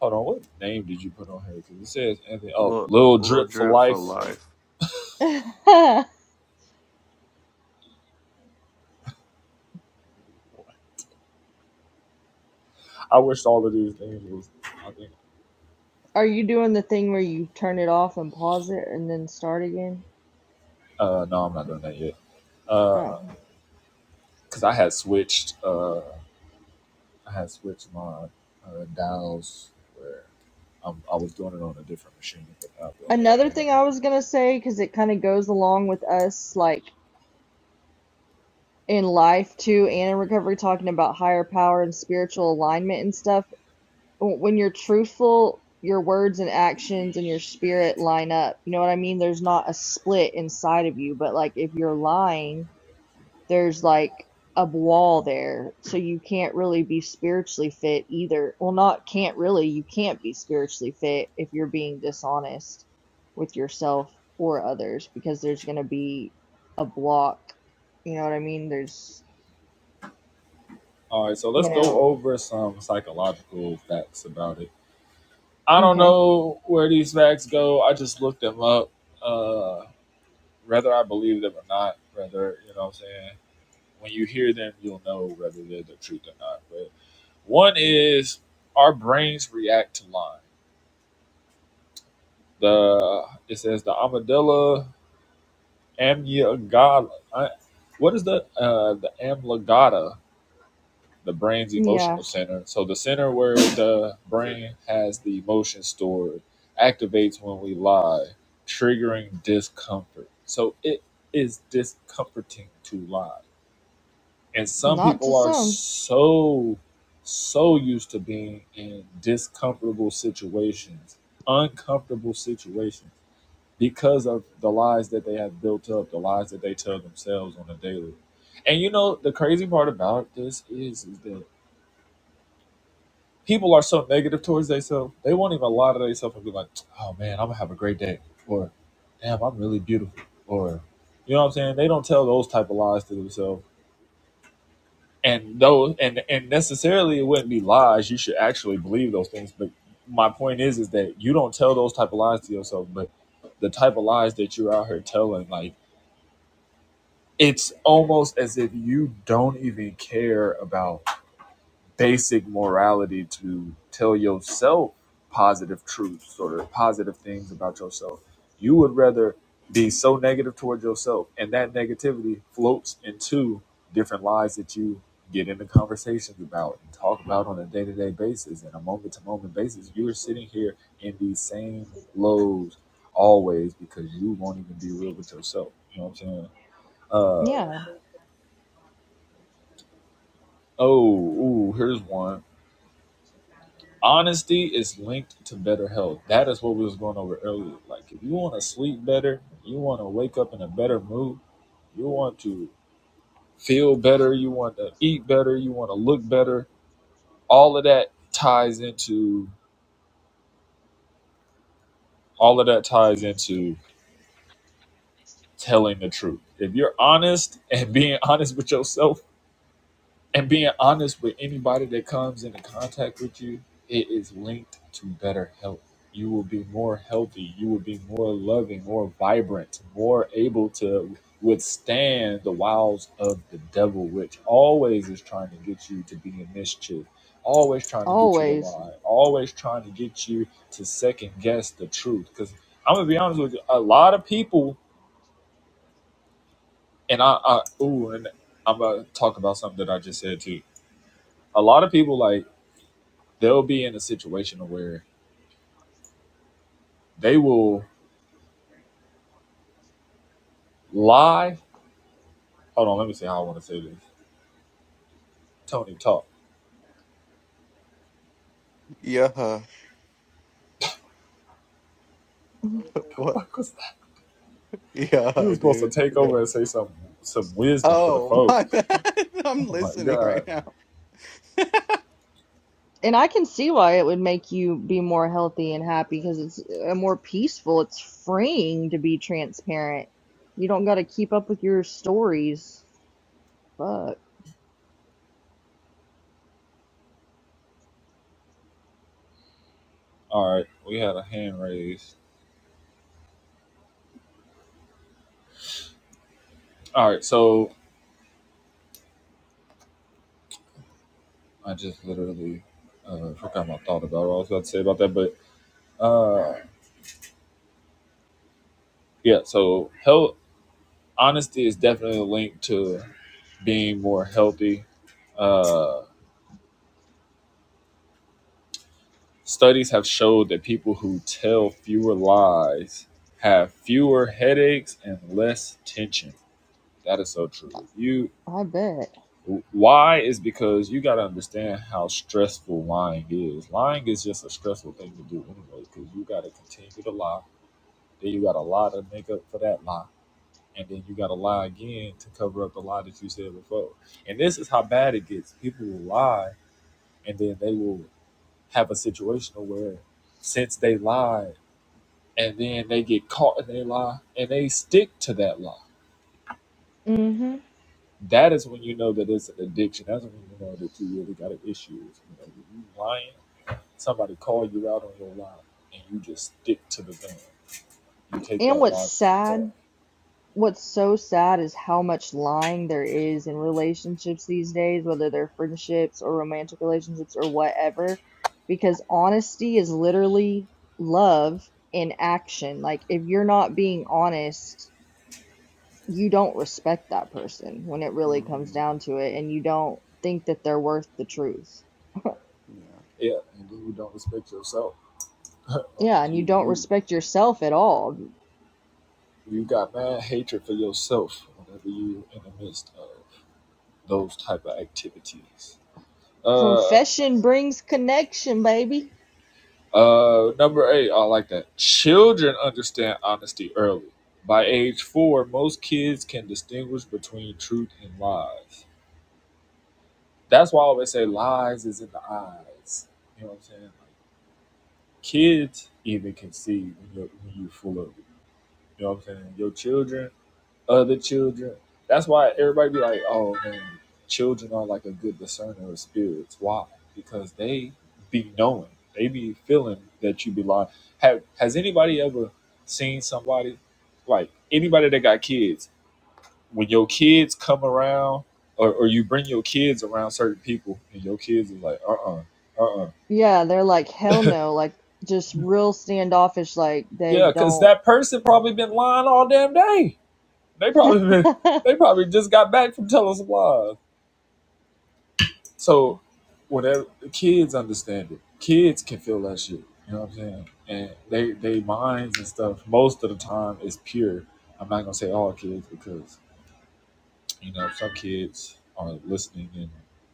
Speaker 1: Hold on, what name did you put on here? Because it says Anthony. Oh,
Speaker 4: Little,
Speaker 1: Lil
Speaker 4: little
Speaker 1: Drip for
Speaker 4: drip for
Speaker 1: Life.
Speaker 4: life.
Speaker 2: [laughs] Are
Speaker 1: I wish all of these names was. I think.
Speaker 2: you doing the thing where you turn it off and pause it and then start again?
Speaker 1: Uh, no, I'm not doing that yet.
Speaker 2: Oh.
Speaker 1: Uh, because I had switched. Uh, I had switched my uh, dials where I'm, I was doing it on a different machine. But now doing it
Speaker 2: Another
Speaker 1: on the one.
Speaker 2: thing I was gonna say, because it kind of goes along with us, like in life too, and in recovery, talking about higher power and spiritual alignment and stuff. w- When you're truthful, your words and actions and your spirit line up. You know what I mean? There's not a split inside of you, but like if you're lying, there's like a wall there so you can't really be spiritually fit either well not can't really you can't be spiritually fit if you're being dishonest with yourself or others because there's going to be a block you know what i mean there's
Speaker 1: All right, so let's
Speaker 2: you
Speaker 1: go
Speaker 2: know
Speaker 1: over some psychological facts about it. I don't
Speaker 2: okay
Speaker 1: know where these facts go. I just looked them up, uh, whether I believe them or not. Whether you know what I'm saying. When you hear them, you'll know whether they're the truth or not. But one is our brains react to line. The it says the amygdala, amygdala. I- What is the uh, the amygdala? the brain's emotional
Speaker 2: yes
Speaker 1: center. So the center where the brain has the emotion stored activates when we lie, triggering discomfort. So it is discomforting to lie. And some
Speaker 2: not to
Speaker 1: people are
Speaker 2: some
Speaker 1: so so used to being in discomfortable situations, uncomfortable situations because of the lies that they have built up, the lies that they tell themselves on a daily. And you know the crazy part about this is, is that people are so negative towards themselves, they won't even lie to themselves and be like, oh man, I'm gonna have a great day. Or damn, I'm really beautiful. Or you know what I'm saying? They don't tell those type of lies to themselves. And those and and necessarily it wouldn't be lies. You should actually believe those things. But my point is is that you don't tell those type of lies to yourself, but the type of lies that you're out here telling, like it's almost as if you don't even care about basic morality to tell yourself positive truths or positive things about yourself. You would rather be so negative towards yourself, and that negativity floats into different lies that you get into conversations about and talk about on a day to day basis and a moment to moment basis. You are sitting here in these same lows always because you won't even be real with yourself. You know what I'm saying? Uh,
Speaker 2: yeah
Speaker 1: oh, ooh, here's one honesty is linked to better health. That is what we was going over earlier. Like if you want to sleep better, you want to wake up in a better mood, you want to feel better, you want to eat better, you want to look better. All of that ties into all of that ties into telling the truth. If you're honest and being [laughs] honest with yourself, and being honest with anybody that comes into contact with you, it is linked to better health. You will be more healthy. You will be more loving, more vibrant, more able to withstand the wiles of the devil, which always is trying to get you to be in mischief, always trying to get you to
Speaker 2: always
Speaker 1: lie, always trying to get you to second guess the truth. Because I'm gonna be honest with you, a lot of people, and I, I ooh, and I'm gonna talk about something that I just said too a lot of people like they'll be in a situation where they will lie. Hold on, let me see how I want to say this. Tony, talk.
Speaker 4: Yeah. huh.
Speaker 2: [laughs]
Speaker 1: [laughs]
Speaker 4: What? [laughs]
Speaker 1: you
Speaker 4: Yeah,
Speaker 1: were
Speaker 4: huh,
Speaker 1: supposed to
Speaker 4: dude.
Speaker 1: take
Speaker 4: Yeah.
Speaker 1: over and say some some wisdom for the
Speaker 4: Oh,
Speaker 1: folks.
Speaker 4: my bad. [laughs] I'm
Speaker 1: Oh my
Speaker 4: listening right
Speaker 1: God.
Speaker 4: now.
Speaker 2: And I can see why it would make you be more healthy and happy because it's uh, more peaceful. It's freeing to be transparent. You don't got to keep up with your stories. Fuck,
Speaker 1: All right, we had a hand raised. All right, so I just literally uh, forgot my thought about what I was about to say about that, but uh, yeah. So health honesty is definitely linked to being more healthy. Uh, Studies have showed that people who tell fewer lies have fewer headaches and less tension. That is so true. You
Speaker 2: I bet.
Speaker 1: why is because you got to understand how stressful lying is. Lying is just a stressful thing to do anyway because you got to continue to lie. Then you got to lie to make up for that lie, and then you got to lie again to cover up the lie that you said before. And this is how bad it gets. People will lie, and then they will have a situation where since they lied and then they get caught in their lie and they stick to that lie.
Speaker 2: hmm
Speaker 1: That is when you know that it's an addiction. That's when you know that you really got an issue. You know, you lying, somebody call you out on your lie, and you just stick to the thing. You take
Speaker 2: And
Speaker 1: that
Speaker 2: what's
Speaker 1: lie to the
Speaker 2: sad,
Speaker 1: death.
Speaker 2: what's so sad is how much lying there is in relationships these days, whether they're friendships or romantic relationships or whatever, because honesty is literally love in action. Like, if you're not being honest, you don't respect that person when it really comes
Speaker 4: hmm
Speaker 2: down to it, and you don't think that they're worth the truth.
Speaker 4: Yeah.
Speaker 1: Yeah, and then you don't respect yourself. [laughs] like
Speaker 2: Yeah, and you
Speaker 1: you,
Speaker 2: don't
Speaker 1: you,
Speaker 2: respect yourself at all.
Speaker 1: you got mad hatred for yourself whenever you in the midst of those type of activities. Uh.
Speaker 2: Confession brings connection, baby.
Speaker 1: Uh, number eight, I like that. Children understand honesty early. By age four, most kids can distinguish between truth and lies. That's why I always say lies is in the eyes. You know what I'm saying? Like, kids even can see when you're, when you're full of it. You know what I'm saying? Your children other children. That's why everybody be like, oh man, children are like a good discerner of spirits. Why? Because they be knowing, they be feeling that you be lying. Have has anybody ever seen somebody like anybody that got kids? When your kids come around, or, or you bring your kids around certain people, and your kids are like, uh uh-uh, uh,
Speaker 2: Yeah, they're like, hell no, like just real standoffish, like they
Speaker 1: yeah, because
Speaker 2: don't.
Speaker 1: that person probably been lying all damn day. They probably been, they probably just got back from telling some lies So whatever kids understand it. Kids can feel that shit. You know what I'm saying? And they they minds and stuff most of the time is pure. I'm not gonna say all kids because you know some kids are listening and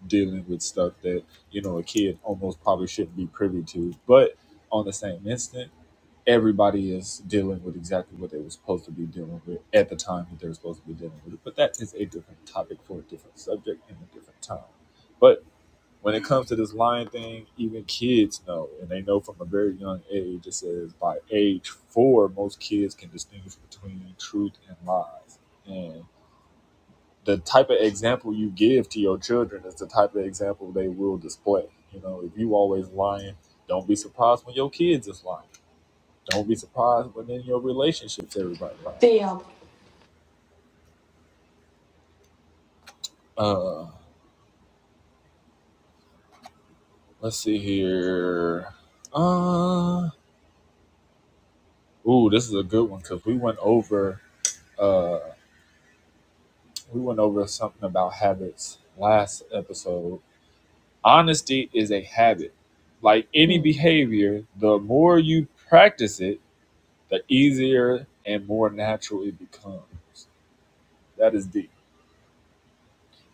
Speaker 1: dealing with stuff that you know a kid almost probably shouldn't be privy to. But on the same instant, everybody is dealing with exactly what they were supposed to be dealing with at the time that they were supposed to be dealing with it. But that is a different topic for a different subject and a different time. But when it comes to this lying thing, even kids know, and they know from a very young age. It says by age four, most kids can distinguish between truth and lies. And the type of example you give to your children is the type of example they will display. You know, if you always lying, don't be surprised when your kids is lying. Don't be surprised when in your relationships everybody lying.
Speaker 5: The um,
Speaker 1: Uh, let's see here. Uh, ooh, this is a good one because we went over. uh We went over something about habits last episode. Honesty is a habit. Like any
Speaker 2: [laughs]
Speaker 1: behavior, the more you practice it, the easier and more natural it becomes. That is deep.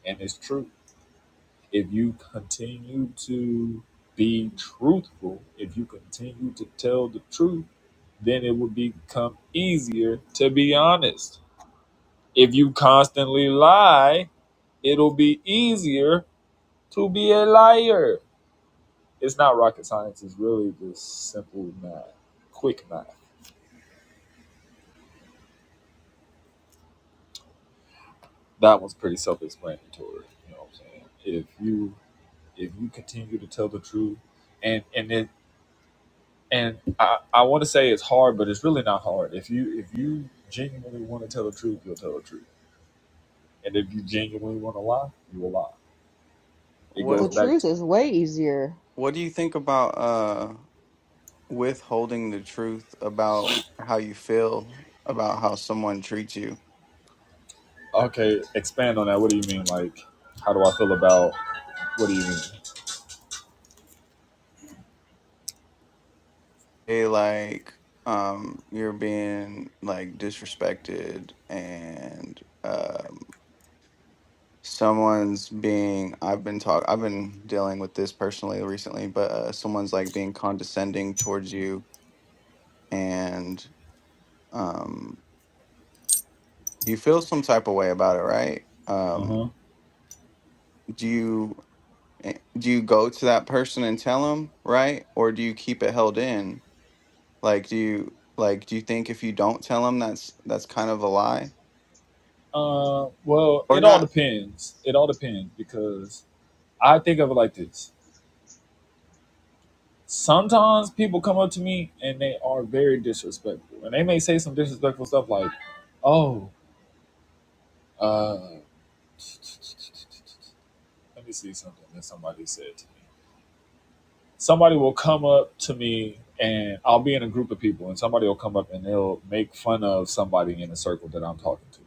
Speaker 1: And it's true. If you continue to be truthful, if you continue to tell the truth, then it will become easier to be honest. If you constantly lie, it'll be easier to be a liar. it's not rocket science. It's really just simple math, quick math. That one's pretty self-explanatory. You know what I'm saying? If you if you continue to tell the truth, and and it and I I want to say it's hard, but it's really not hard. If you if you genuinely want to tell the truth, you'll tell the truth. And if you genuinely want to lie, you will lie. It
Speaker 4: What
Speaker 1: goes
Speaker 2: The
Speaker 1: back
Speaker 2: truth
Speaker 1: to
Speaker 2: is way easier,
Speaker 4: What do you think about uh withholding the truth about how you feel about how someone treats you?
Speaker 1: okay. Expand on that. What do you mean? Like, how do I feel about? What do you mean?
Speaker 4: They like um you're being like disrespected and um someone's being i've been talk i've been dealing with this personally recently but uh, someone's like being condescending towards you and um you feel some type of way about it right
Speaker 1: Uh
Speaker 4: um
Speaker 1: huh.
Speaker 4: do you eh, do you go to that person and tell them right or do you keep it held in like do you like do you think if you don't tell them that's that's kind of a lie
Speaker 1: Uh, well,
Speaker 4: or
Speaker 1: it all
Speaker 4: not
Speaker 1: depends. It all depends because I think of it like this. Sometimes people come up to me and they are very disrespectful. And they may say some disrespectful stuff like, oh, uh, let me see something that somebody said to me. Somebody will come up to me and I'll be in a group of people and somebody will come up and they'll make fun of somebody in the circle that I'm talking to.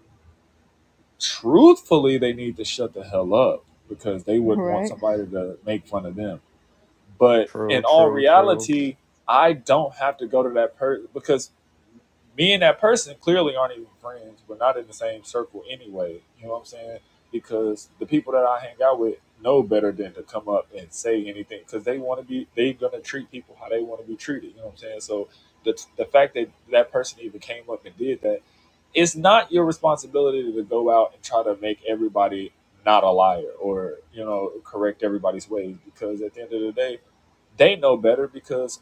Speaker 1: Truthfully, they need to shut the hell up because they would want
Speaker 2: right?
Speaker 1: somebody to make fun of them But
Speaker 4: true
Speaker 1: in all
Speaker 4: true true
Speaker 1: reality, I don't have to go to that person because me and that person clearly aren't even friends. We're not in the same circle anyway. You know what I'm saying? Because the people that I hang out with know better than to come up and say anything because they want to be, they're going to treat people how they want to be treated. You know what I'm saying? So the, the fact that that person even came up and did that, it's not your responsibility to go out and try to make everybody not a liar or, you know, correct everybody's ways because at the end of the day, they know better because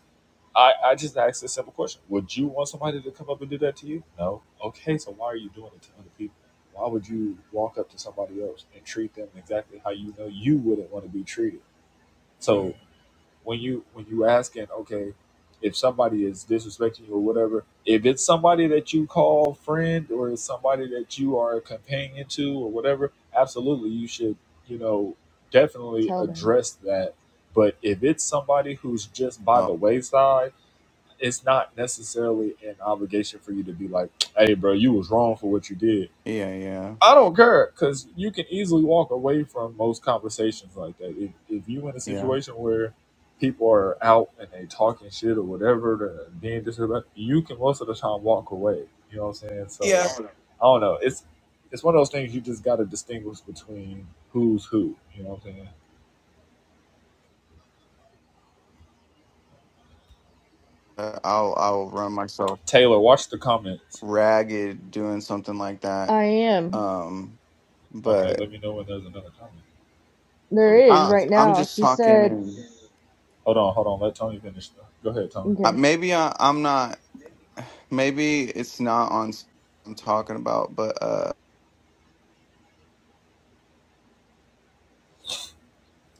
Speaker 1: I, I just asked a simple question. Would you want somebody to come up and do that to you? No. Okay, so why are you doing it to other people? Why would you walk up to somebody else and treat them exactly how you know you wouldn't want to be treated? So when you when you asking, okay, if somebody is disrespecting you or whatever, if it's somebody that you call friend or it's somebody that you are a companion to or whatever, absolutely you should, you know, definitely
Speaker 2: Tell them.
Speaker 1: address that. But if it's somebody who's just by
Speaker 4: oh
Speaker 1: the wayside, it's not necessarily an obligation for you to be like, "Hey, bro, you was wrong for what you did."
Speaker 4: yeah yeah
Speaker 1: I don't care because you can easily walk away from most conversations like that. If, if you in a
Speaker 4: yeah
Speaker 1: situation where people are out and they talking shit or whatever, they're being disrespectful, you can most of the time walk away. You know what I'm saying?
Speaker 4: yeah
Speaker 1: So I don't know. It's it's one of those things you just got to distinguish between who's who. You know what I'm saying?
Speaker 4: uh, i'll i'll run myself
Speaker 1: Taylor, watch the comments.
Speaker 4: ragged doing something like that.
Speaker 2: I am.
Speaker 4: Um,
Speaker 1: Okay,
Speaker 4: but
Speaker 1: let me know when there's another comment so
Speaker 2: There
Speaker 1: we can
Speaker 2: is
Speaker 4: I,
Speaker 2: right
Speaker 1: answer.
Speaker 4: I'm
Speaker 2: now.
Speaker 4: just
Speaker 2: She
Speaker 4: talking,
Speaker 2: said,
Speaker 4: and
Speaker 1: Hold on, hold on. Let Tony finish. though. Go ahead, Tony.
Speaker 4: uh,
Speaker 2: okay.
Speaker 4: maybe I, I'm not. [sighs] Maybe it's not on. s- I'm talking about, but uh,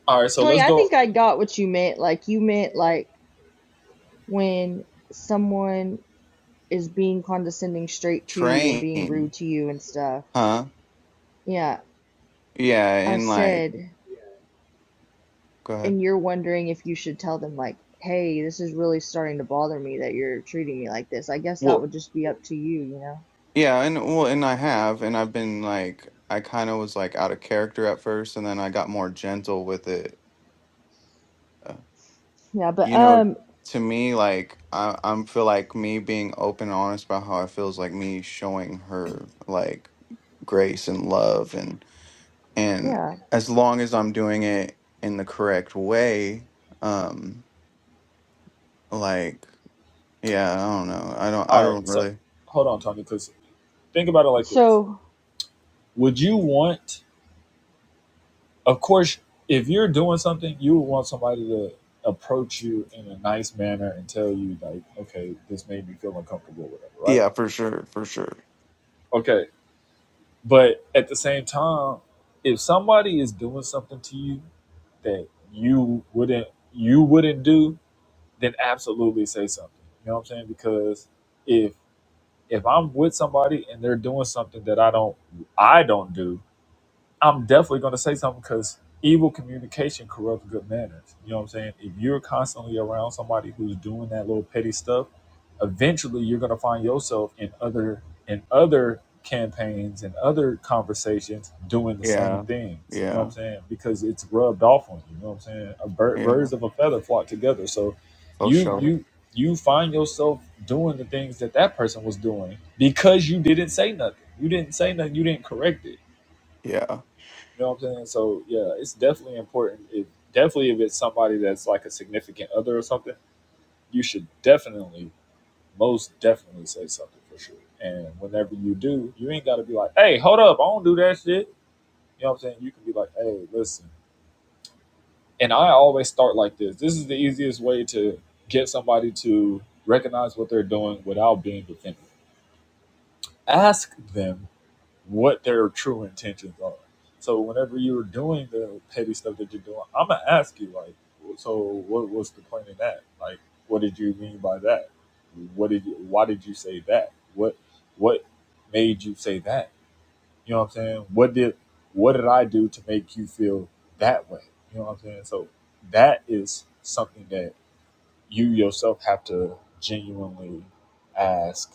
Speaker 1: All right, so
Speaker 2: Tony,
Speaker 1: let's
Speaker 2: I
Speaker 1: go.
Speaker 2: think I got what you meant. Like, you meant, like, when someone is being condescending straight to you and being
Speaker 4: train,
Speaker 2: rude to you and stuff.
Speaker 4: huh?
Speaker 2: Yeah,
Speaker 4: Yeah,
Speaker 2: I
Speaker 4: and like,
Speaker 2: said,
Speaker 4: go ahead.
Speaker 2: and you're wondering if you should tell them, like, hey, this is really starting to bother me that you're treating me like this. I guess that
Speaker 4: Well,
Speaker 2: would just be up to you, you know?
Speaker 4: yeah, and well, and I have, and I've been like, I kind of was like out of character at first, and then I got more gentle with it. uh,
Speaker 2: Yeah, but,
Speaker 4: You know,
Speaker 2: um,
Speaker 4: to me, like I, i feel like me being open and honest about how I feels like me showing her like grace and love and and
Speaker 2: yeah.
Speaker 4: as long as I'm doing it in the correct way, um, like yeah, I don't know, I don't, I
Speaker 1: All right,
Speaker 4: don't
Speaker 1: so
Speaker 4: really,
Speaker 1: hold on, Tony, because think about it like this
Speaker 2: So,
Speaker 1: would you want of course if you're doing something you would want somebody to approach you in a nice manner and tell you like okay this made me feel uncomfortable whatever right
Speaker 4: yeah, for sure, for sure,
Speaker 1: okay but at the same time if somebody is doing something to you that you wouldn't you wouldn't do then absolutely say something you know what i'm saying because if if i'm with somebody and they're doing something that i don't i don't do I'm definitely going to say something because evil communication corrupts good manners. You know what I'm saying? If you're constantly around somebody who's doing that little petty stuff, eventually you're going to find yourself in other in other campaigns and other conversations doing the same
Speaker 4: yeah,
Speaker 1: things. You know what
Speaker 4: yeah,
Speaker 1: I'm saying? Because it's rubbed off on you. You know what I'm saying? A bird,
Speaker 4: yeah,
Speaker 1: birds of a feather flock together. So
Speaker 4: for
Speaker 1: you
Speaker 4: sure,
Speaker 1: you you find yourself doing the things that that person was doing because you didn't say nothing. You didn't say nothing. You didn't correct it
Speaker 4: yeah,
Speaker 1: you know what I'm saying? So yeah, it's definitely important. It definitely if it's somebody that's like a significant other or something, you should definitely, most definitely say something for sure. And whenever you do, you ain't gotta be like, Hey, hold up, I don't do that shit. You know what I'm saying? You can be like, Hey, listen. And I always start like this. This is the easiest way to get somebody to recognize what they're doing without being defensive. Ask them what their true intentions are. So whenever you're doing the petty stuff that you're doing, I'm gonna ask you like, so what was the point in that? Like, what did you mean by that? What did you? Why did you say that? What what made you say that? You know what I'm saying? What did what did I do to make you feel that way? You know what I'm saying? So that is something that you yourself have to genuinely ask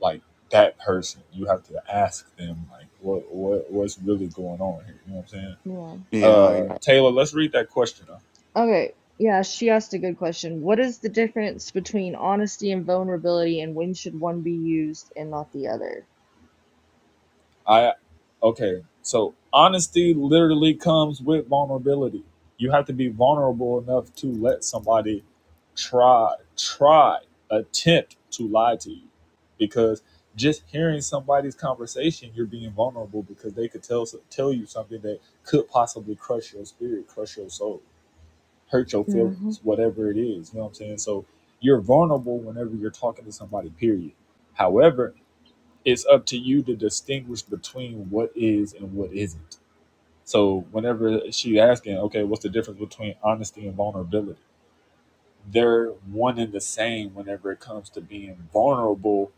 Speaker 1: like that person. You have to ask them like what what what's really going on here. You know what I'm saying?
Speaker 2: yeah.
Speaker 4: yeah,
Speaker 1: Uh,
Speaker 4: yeah.
Speaker 1: Taylor, let's read that question. Up.
Speaker 2: Okay. Yeah, she asked a good question. What is the difference between honesty and vulnerability, and when should one be used and not the other?
Speaker 1: I okay. So honesty literally comes with vulnerability. You have to be vulnerable enough to let somebody try try attempt to lie to you because just hearing somebody's conversation you're being vulnerable because they could tell tell you something that could possibly crush your spirit crush your soul hurt your
Speaker 2: Mm-hmm.
Speaker 1: feelings, whatever it is. You know what I'm saying? So you're vulnerable whenever you're talking to somebody, period. However, it's up to you to distinguish between what is and what isn't. So whenever she's asking, okay, what's the difference between honesty and vulnerability? They're one and the same whenever it comes to being vulnerable.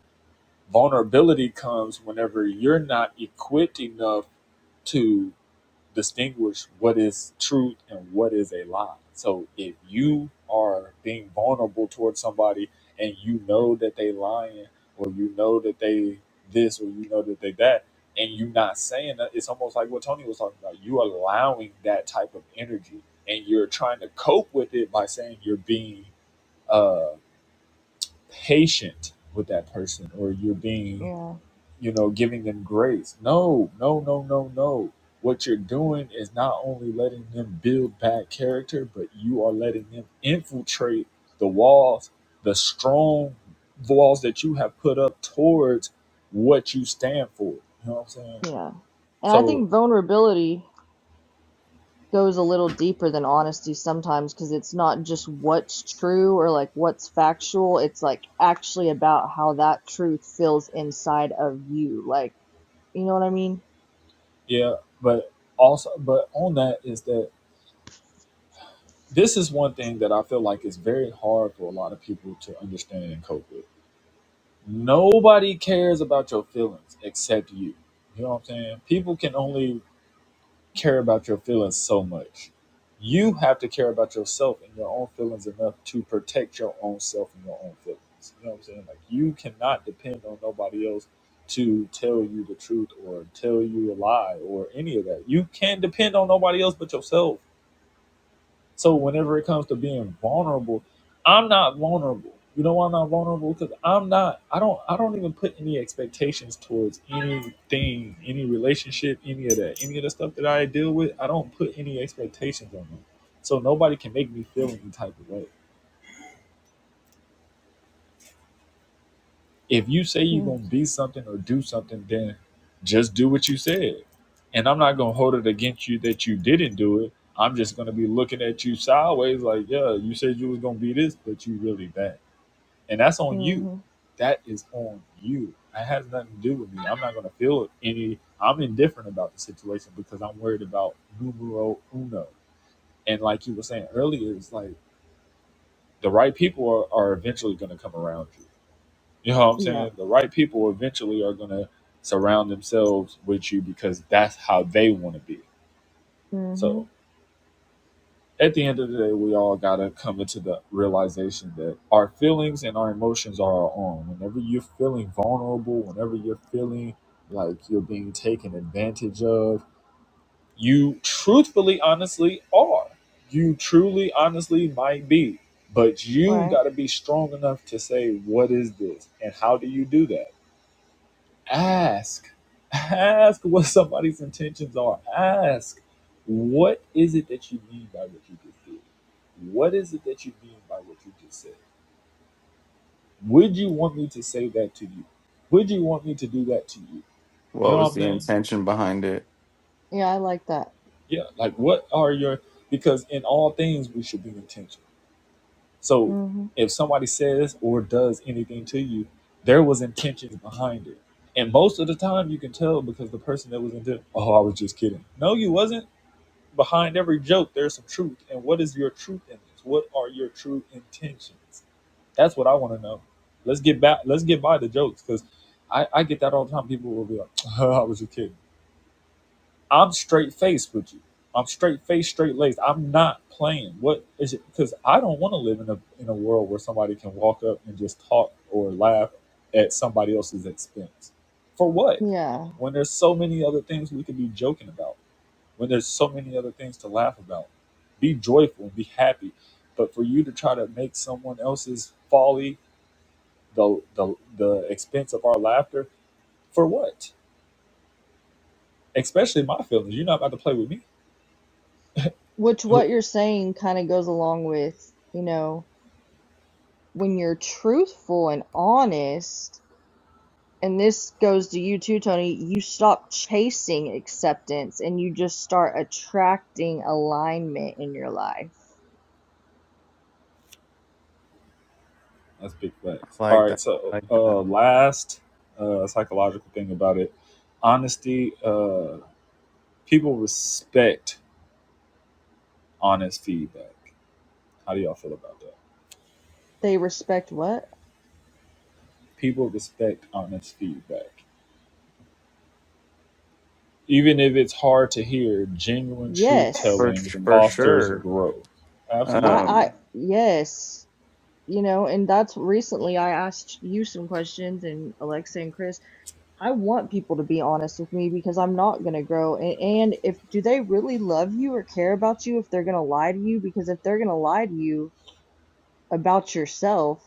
Speaker 1: Vulnerability comes whenever you're not equipped enough to distinguish what is truth and what is a lie. So if you are being vulnerable towards somebody and you know that they lying or you know that they this or you know that they that and you not saying that it's almost like what Tony was talking about. You allowing that type of energy and you're trying to cope with it by saying you're being uh patient with that person or you're being
Speaker 2: Yeah.
Speaker 1: you know, giving them grace. No, no, no, no, no. What you're doing is not only letting them build bad character, but you are letting them infiltrate the walls, the strong walls that you have put up towards what you stand for. You know what I'm saying?
Speaker 2: Yeah. And I
Speaker 1: So,
Speaker 2: think vulnerability goes a little deeper than honesty sometimes because it's not just what's true or like what's factual. It's like actually about how that truth feels inside of you. Like, you know what I mean?
Speaker 1: yeah, but also, but on that is that this is one thing that I feel like is very hard for a lot of people to understand and cope with Nobody cares about your feelings except you. You know what I'm saying? People can only care about your feelings so much. You have to care about yourself and your own feelings enough to protect your own self and your own feelings. You know what I'm saying? Like you cannot depend on nobody else to tell you the truth or tell you a lie or any of that. You can't depend on nobody else but yourself. So whenever it comes to being vulnerable, I'm not vulnerable. You know why I'm not vulnerable? Because I'm not. I don't. I don't even put any expectations towards anything, any relationship, any of that, any of the stuff that I deal with. I don't put any expectations on them. So nobody can make me feel any type of way. If you say you're gonna be something or do something, then just do what you said. And I'm not gonna hold it against you that you didn't do it. I'm just gonna be looking at you sideways, like, yeah, you said you was gonna be this, but you really that. and that's on you.
Speaker 2: Mm-hmm.
Speaker 1: That is on you. That has nothing to do with me. I'm not going to feel any. I'm indifferent about the situation because I'm worried about numero uno. And like you were saying earlier, it's like the right people are, are eventually going to come around you. You know what I'm
Speaker 2: Yep.
Speaker 1: saying? The right people eventually are going to surround themselves with you because that's how they want to be.
Speaker 2: Mm-hmm.
Speaker 1: So at the end of the day, we all gotta come into the realization that our feelings and our emotions are our own. Whenever you're feeling vulnerable, whenever you're feeling like you're being taken advantage of, you truthfully, honestly are. You truly, honestly might be. But you
Speaker 2: Right.
Speaker 1: gotta be strong enough to say, what is this? And how do you do that? ask ask what somebody's intentions are ask what is it that you mean by what you just did what is it that you mean by what you just said would you want me to say that to you would you want me to do that to you you
Speaker 4: What
Speaker 1: know
Speaker 4: was
Speaker 1: what i'm
Speaker 4: the
Speaker 1: saying
Speaker 4: intention behind it?
Speaker 2: Yeah, I like that.
Speaker 1: yeah like what are your because in all things we should be intentional so
Speaker 2: hmm
Speaker 1: if somebody says or does anything to you there was intentions behind it and most of the time you can tell because the person that was in there, oh, I was just kidding. No, you wasn't behind every joke there's some truth and what is your truth in this what are your true intentions that's what i want to know let's get back let's get by the jokes because I, I get that all the time people will be like [laughs] i was just kidding i'm straight faced with you i'm straight faced straight laced i'm not playing what is it because i don't want to live in a in a world where somebody can walk up and just talk or laugh at somebody else's expense for what
Speaker 2: Yeah.
Speaker 1: when there's so many other things we could be joking about when there's so many other things to laugh about. Be joyful, be happy. But for you to try to make someone else's folly the the the expense of our laughter for what? Especially my feelings. You're not about to play with me.
Speaker 2: Which what you're saying kind of goes along with, you know, when you're truthful and honest, and this goes to you too, Tony, you stop chasing acceptance and you just start attracting alignment in your life.
Speaker 1: That's big facts. All
Speaker 4: like
Speaker 1: right.
Speaker 4: that,
Speaker 1: So
Speaker 4: like that,
Speaker 1: uh, last uh, psychological thing about it, honesty. Uh, people respect honest feedback. How do y'all feel about that?
Speaker 2: They respect what?
Speaker 1: People respect honest feedback. Even if it's hard to hear, genuine truth
Speaker 2: Yes.
Speaker 4: for
Speaker 1: telling
Speaker 4: for
Speaker 1: fosters
Speaker 4: sure.
Speaker 1: growth.
Speaker 2: I
Speaker 1: Absolutely.
Speaker 4: Um,
Speaker 2: I yes. you know, and that's recently I asked you some questions and Alexa and Chris. I want people to be honest with me because I'm not going to grow. And, and if do they really love you or care about you if they're going to lie to you? Because if they're going to lie to you about yourself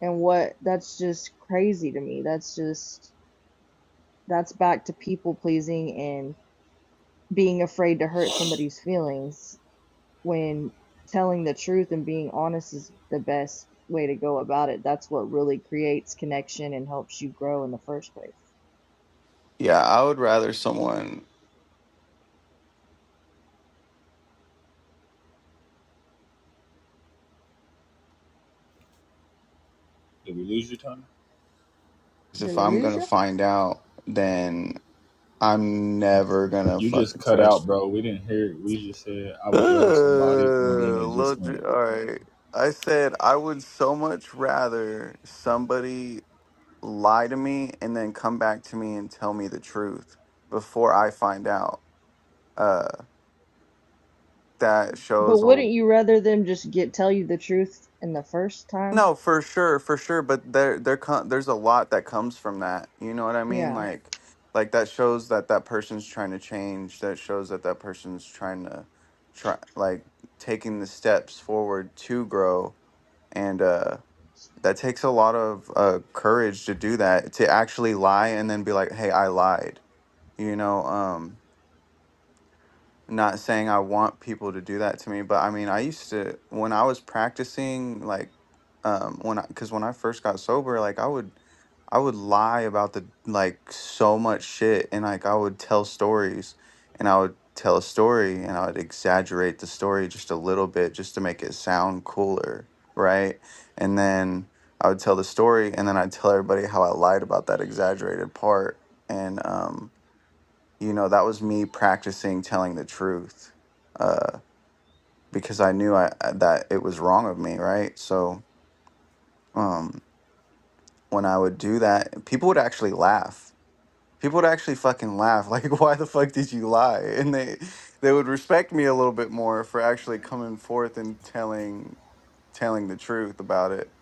Speaker 2: and what that's just crazy to me. That's just that's back to people pleasing and being afraid to hurt somebody's feelings. when telling the truth and being honest is the best way to go about it. That's what really creates connection and helps you grow in the first place.
Speaker 4: Yeah, I would rather someone,
Speaker 1: Did we lose you, Tony?
Speaker 4: 'cause
Speaker 2: Did
Speaker 4: if
Speaker 2: we
Speaker 4: I'm
Speaker 2: lose
Speaker 4: gonna
Speaker 2: you?
Speaker 4: find out, then I'm never gonna
Speaker 1: You just
Speaker 4: fucking
Speaker 1: cut
Speaker 4: trust
Speaker 1: out,
Speaker 4: you.
Speaker 1: bro. We didn't hear it. We just said, I
Speaker 4: [laughs] Ugh,
Speaker 1: would rather somebody, and then it
Speaker 4: Lil
Speaker 1: just
Speaker 4: Ju-
Speaker 1: went,
Speaker 4: all right. I said I would so much rather somebody lie to me and then come back to me and tell me the truth before I find out. Uh, that
Speaker 2: But
Speaker 4: shows a
Speaker 2: wouldn't you rather them just get tell you the truth in the first time?
Speaker 4: No, for sure, for sure. But there, there, co- there's a lot that comes from that. You know what I mean?
Speaker 2: Yeah.
Speaker 4: Like, like that shows that that person's trying to change. That shows that that person's trying to try, like, taking the steps forward to grow. And uh, that takes a lot of uh, courage to do that. To actually lie and then be like, "Hey, I lied." You know. Um, not saying I want people to do that to me, but I mean, I used to, when I was practicing, like, um, when I, because when I first got sober, like, I would, I would lie about the like so much shit and like I would tell stories and I would tell a story and I would exaggerate the story just a little bit just to make it sound cooler, right? And then I would tell the story and then I'd tell everybody how I lied about that exaggerated part and um you know that was me practicing telling the truth uh because i knew i uh, that it was wrong of me right so um when i would do that people would actually laugh people would actually fucking laugh [laughs] like why the fuck did you lie and they they would respect me a little bit more for actually coming forth and telling telling the truth about it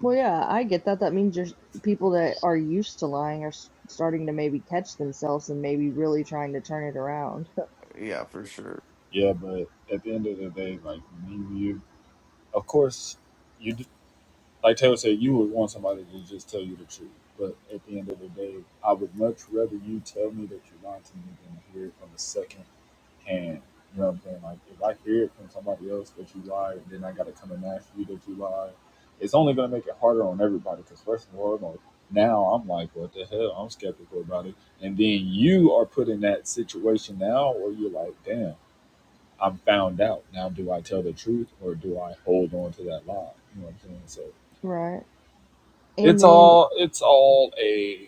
Speaker 2: Well, yeah, I get that. That means just people that are used to lying are s- starting to maybe catch themselves and maybe really trying to turn it around. [laughs]
Speaker 4: yeah for sure
Speaker 1: yeah, but at the end of the day, like, me, you, of course, you, d- like Taylor said, you would want somebody to just tell you the truth. But at the end of the day, I would much rather you tell me that you lied to me than to hear it from the second And you know what I'm saying? Like if I hear it from somebody else that you lied, and then I gotta come and ask you that you lied, it's only gonna make it harder on everybody. Because first of all, like, now I'm like, what the hell? I'm skeptical about it. And then you are put in that situation now where you're like, damn, I'm found out. Now do I tell the truth or do I hold on to that lie? You know what I'm saying? So
Speaker 2: Right. And
Speaker 1: it's
Speaker 2: then,
Speaker 1: all it's all a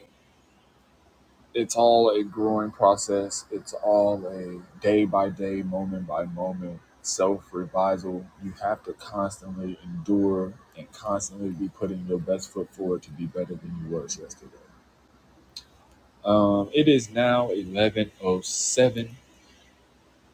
Speaker 1: it's all a growing process. It's all a day by day, moment by moment self revisal. You have to constantly endure and constantly be putting your best foot forward to be better than you were yesterday. Um, it is now eleven oh seven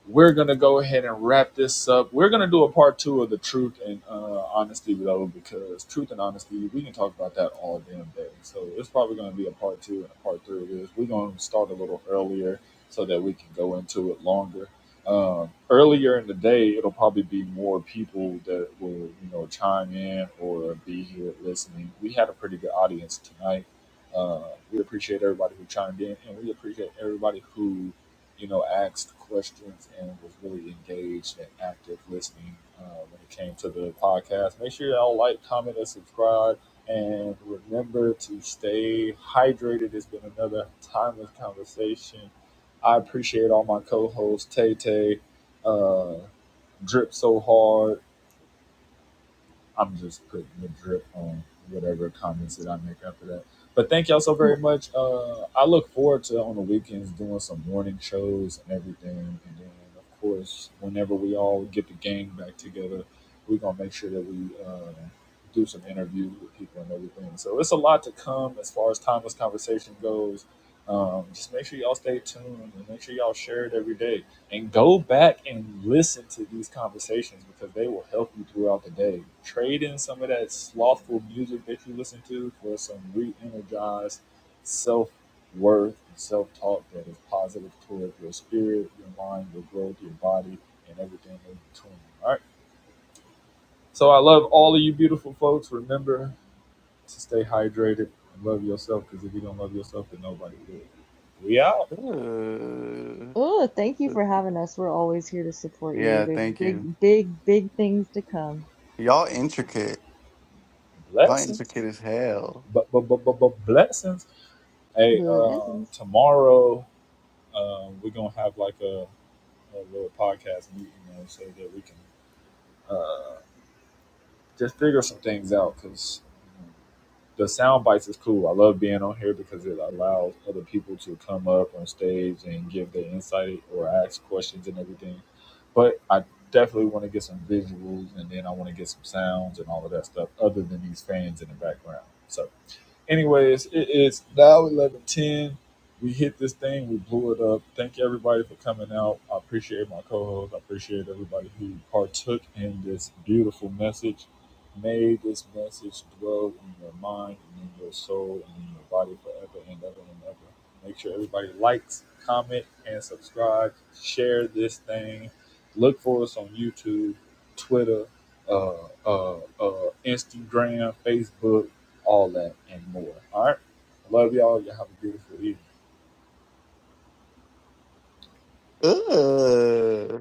Speaker 1: we're gonna go ahead and wrap this up. We're gonna do a part two of the truth and uh, honesty though, because truth and honesty, we can talk about that all damn day. So it's probably gonna be a part two and a part three of this. We're gonna start a little earlier so that we can go into it longer. Um, earlier in the day, it'll probably be more people that will you know chime in or be here listening. We had a pretty good audience tonight. Uh, we appreciate everybody who chimed in, and we appreciate everybody who you know, asked questions and was really engaged and active listening uh, when it came to the podcast. Make sure y'all like, comment, and subscribe. And remember to stay hydrated. It's been another timeless conversation. I appreciate all my co hosts, Tay Tay, uh, Drip So Hard, I'm just putting the drip on whatever comments that I make after that. But thank y'all so very
Speaker 2: w-
Speaker 1: much. Uh, I look forward to on the weekends doing some morning shows and everything. And then, of course, whenever we all get the gang back together, we're going to make sure that we uh, do some interviews with people and everything. So it's a lot to come as far as timeless conversation goes. Um, just make sure y'all stay tuned and make sure y'all share it every day and go back and listen to these conversations because they will help you throughout the day. Trade in some of that slothful music that you listen to for some re energized self worth and self talk that is positive toward your spirit, your mind, your growth, your body, and everything in between. All right. So I love all of you beautiful folks. Remember to stay hydrated and love yourself because if you don't love yourself, then nobody will. We out.
Speaker 4: Uh,
Speaker 2: oh, thank you for having us. We're always here to support you.
Speaker 4: yeah
Speaker 2: There's
Speaker 4: thank you
Speaker 2: big, big, big things to come.
Speaker 4: y'all intricate y'all intricate
Speaker 1: Blessings.
Speaker 4: as hell
Speaker 1: But but but but blessings. Hey, um,
Speaker 2: Blessings.
Speaker 1: tomorrow um, we're gonna have like a, a little podcast meeting uh, so that we can uh, just figure some things out because the sound bites is cool. I love being on here because it allows other people to come up on stage and give their insight or ask questions and everything. But I definitely want to get some visuals and then I want to get some sounds and all of that stuff other than these fans in the background. So. anyways, it is now eleven ten. We hit this thing, we blew it up. Thank you everybody for coming out. I appreciate my co-host. I appreciate everybody who partook in this beautiful message. May this message dwell in your mind and in your soul and in your body forever and ever and ever. Make sure everybody likes, comment, and subscribe. Share this thing. Look for us on YouTube, Twitter, uh, uh, uh, Instagram, Facebook all that and more. All right. I love y'all. Y'all have a beautiful evening.
Speaker 4: Ugh.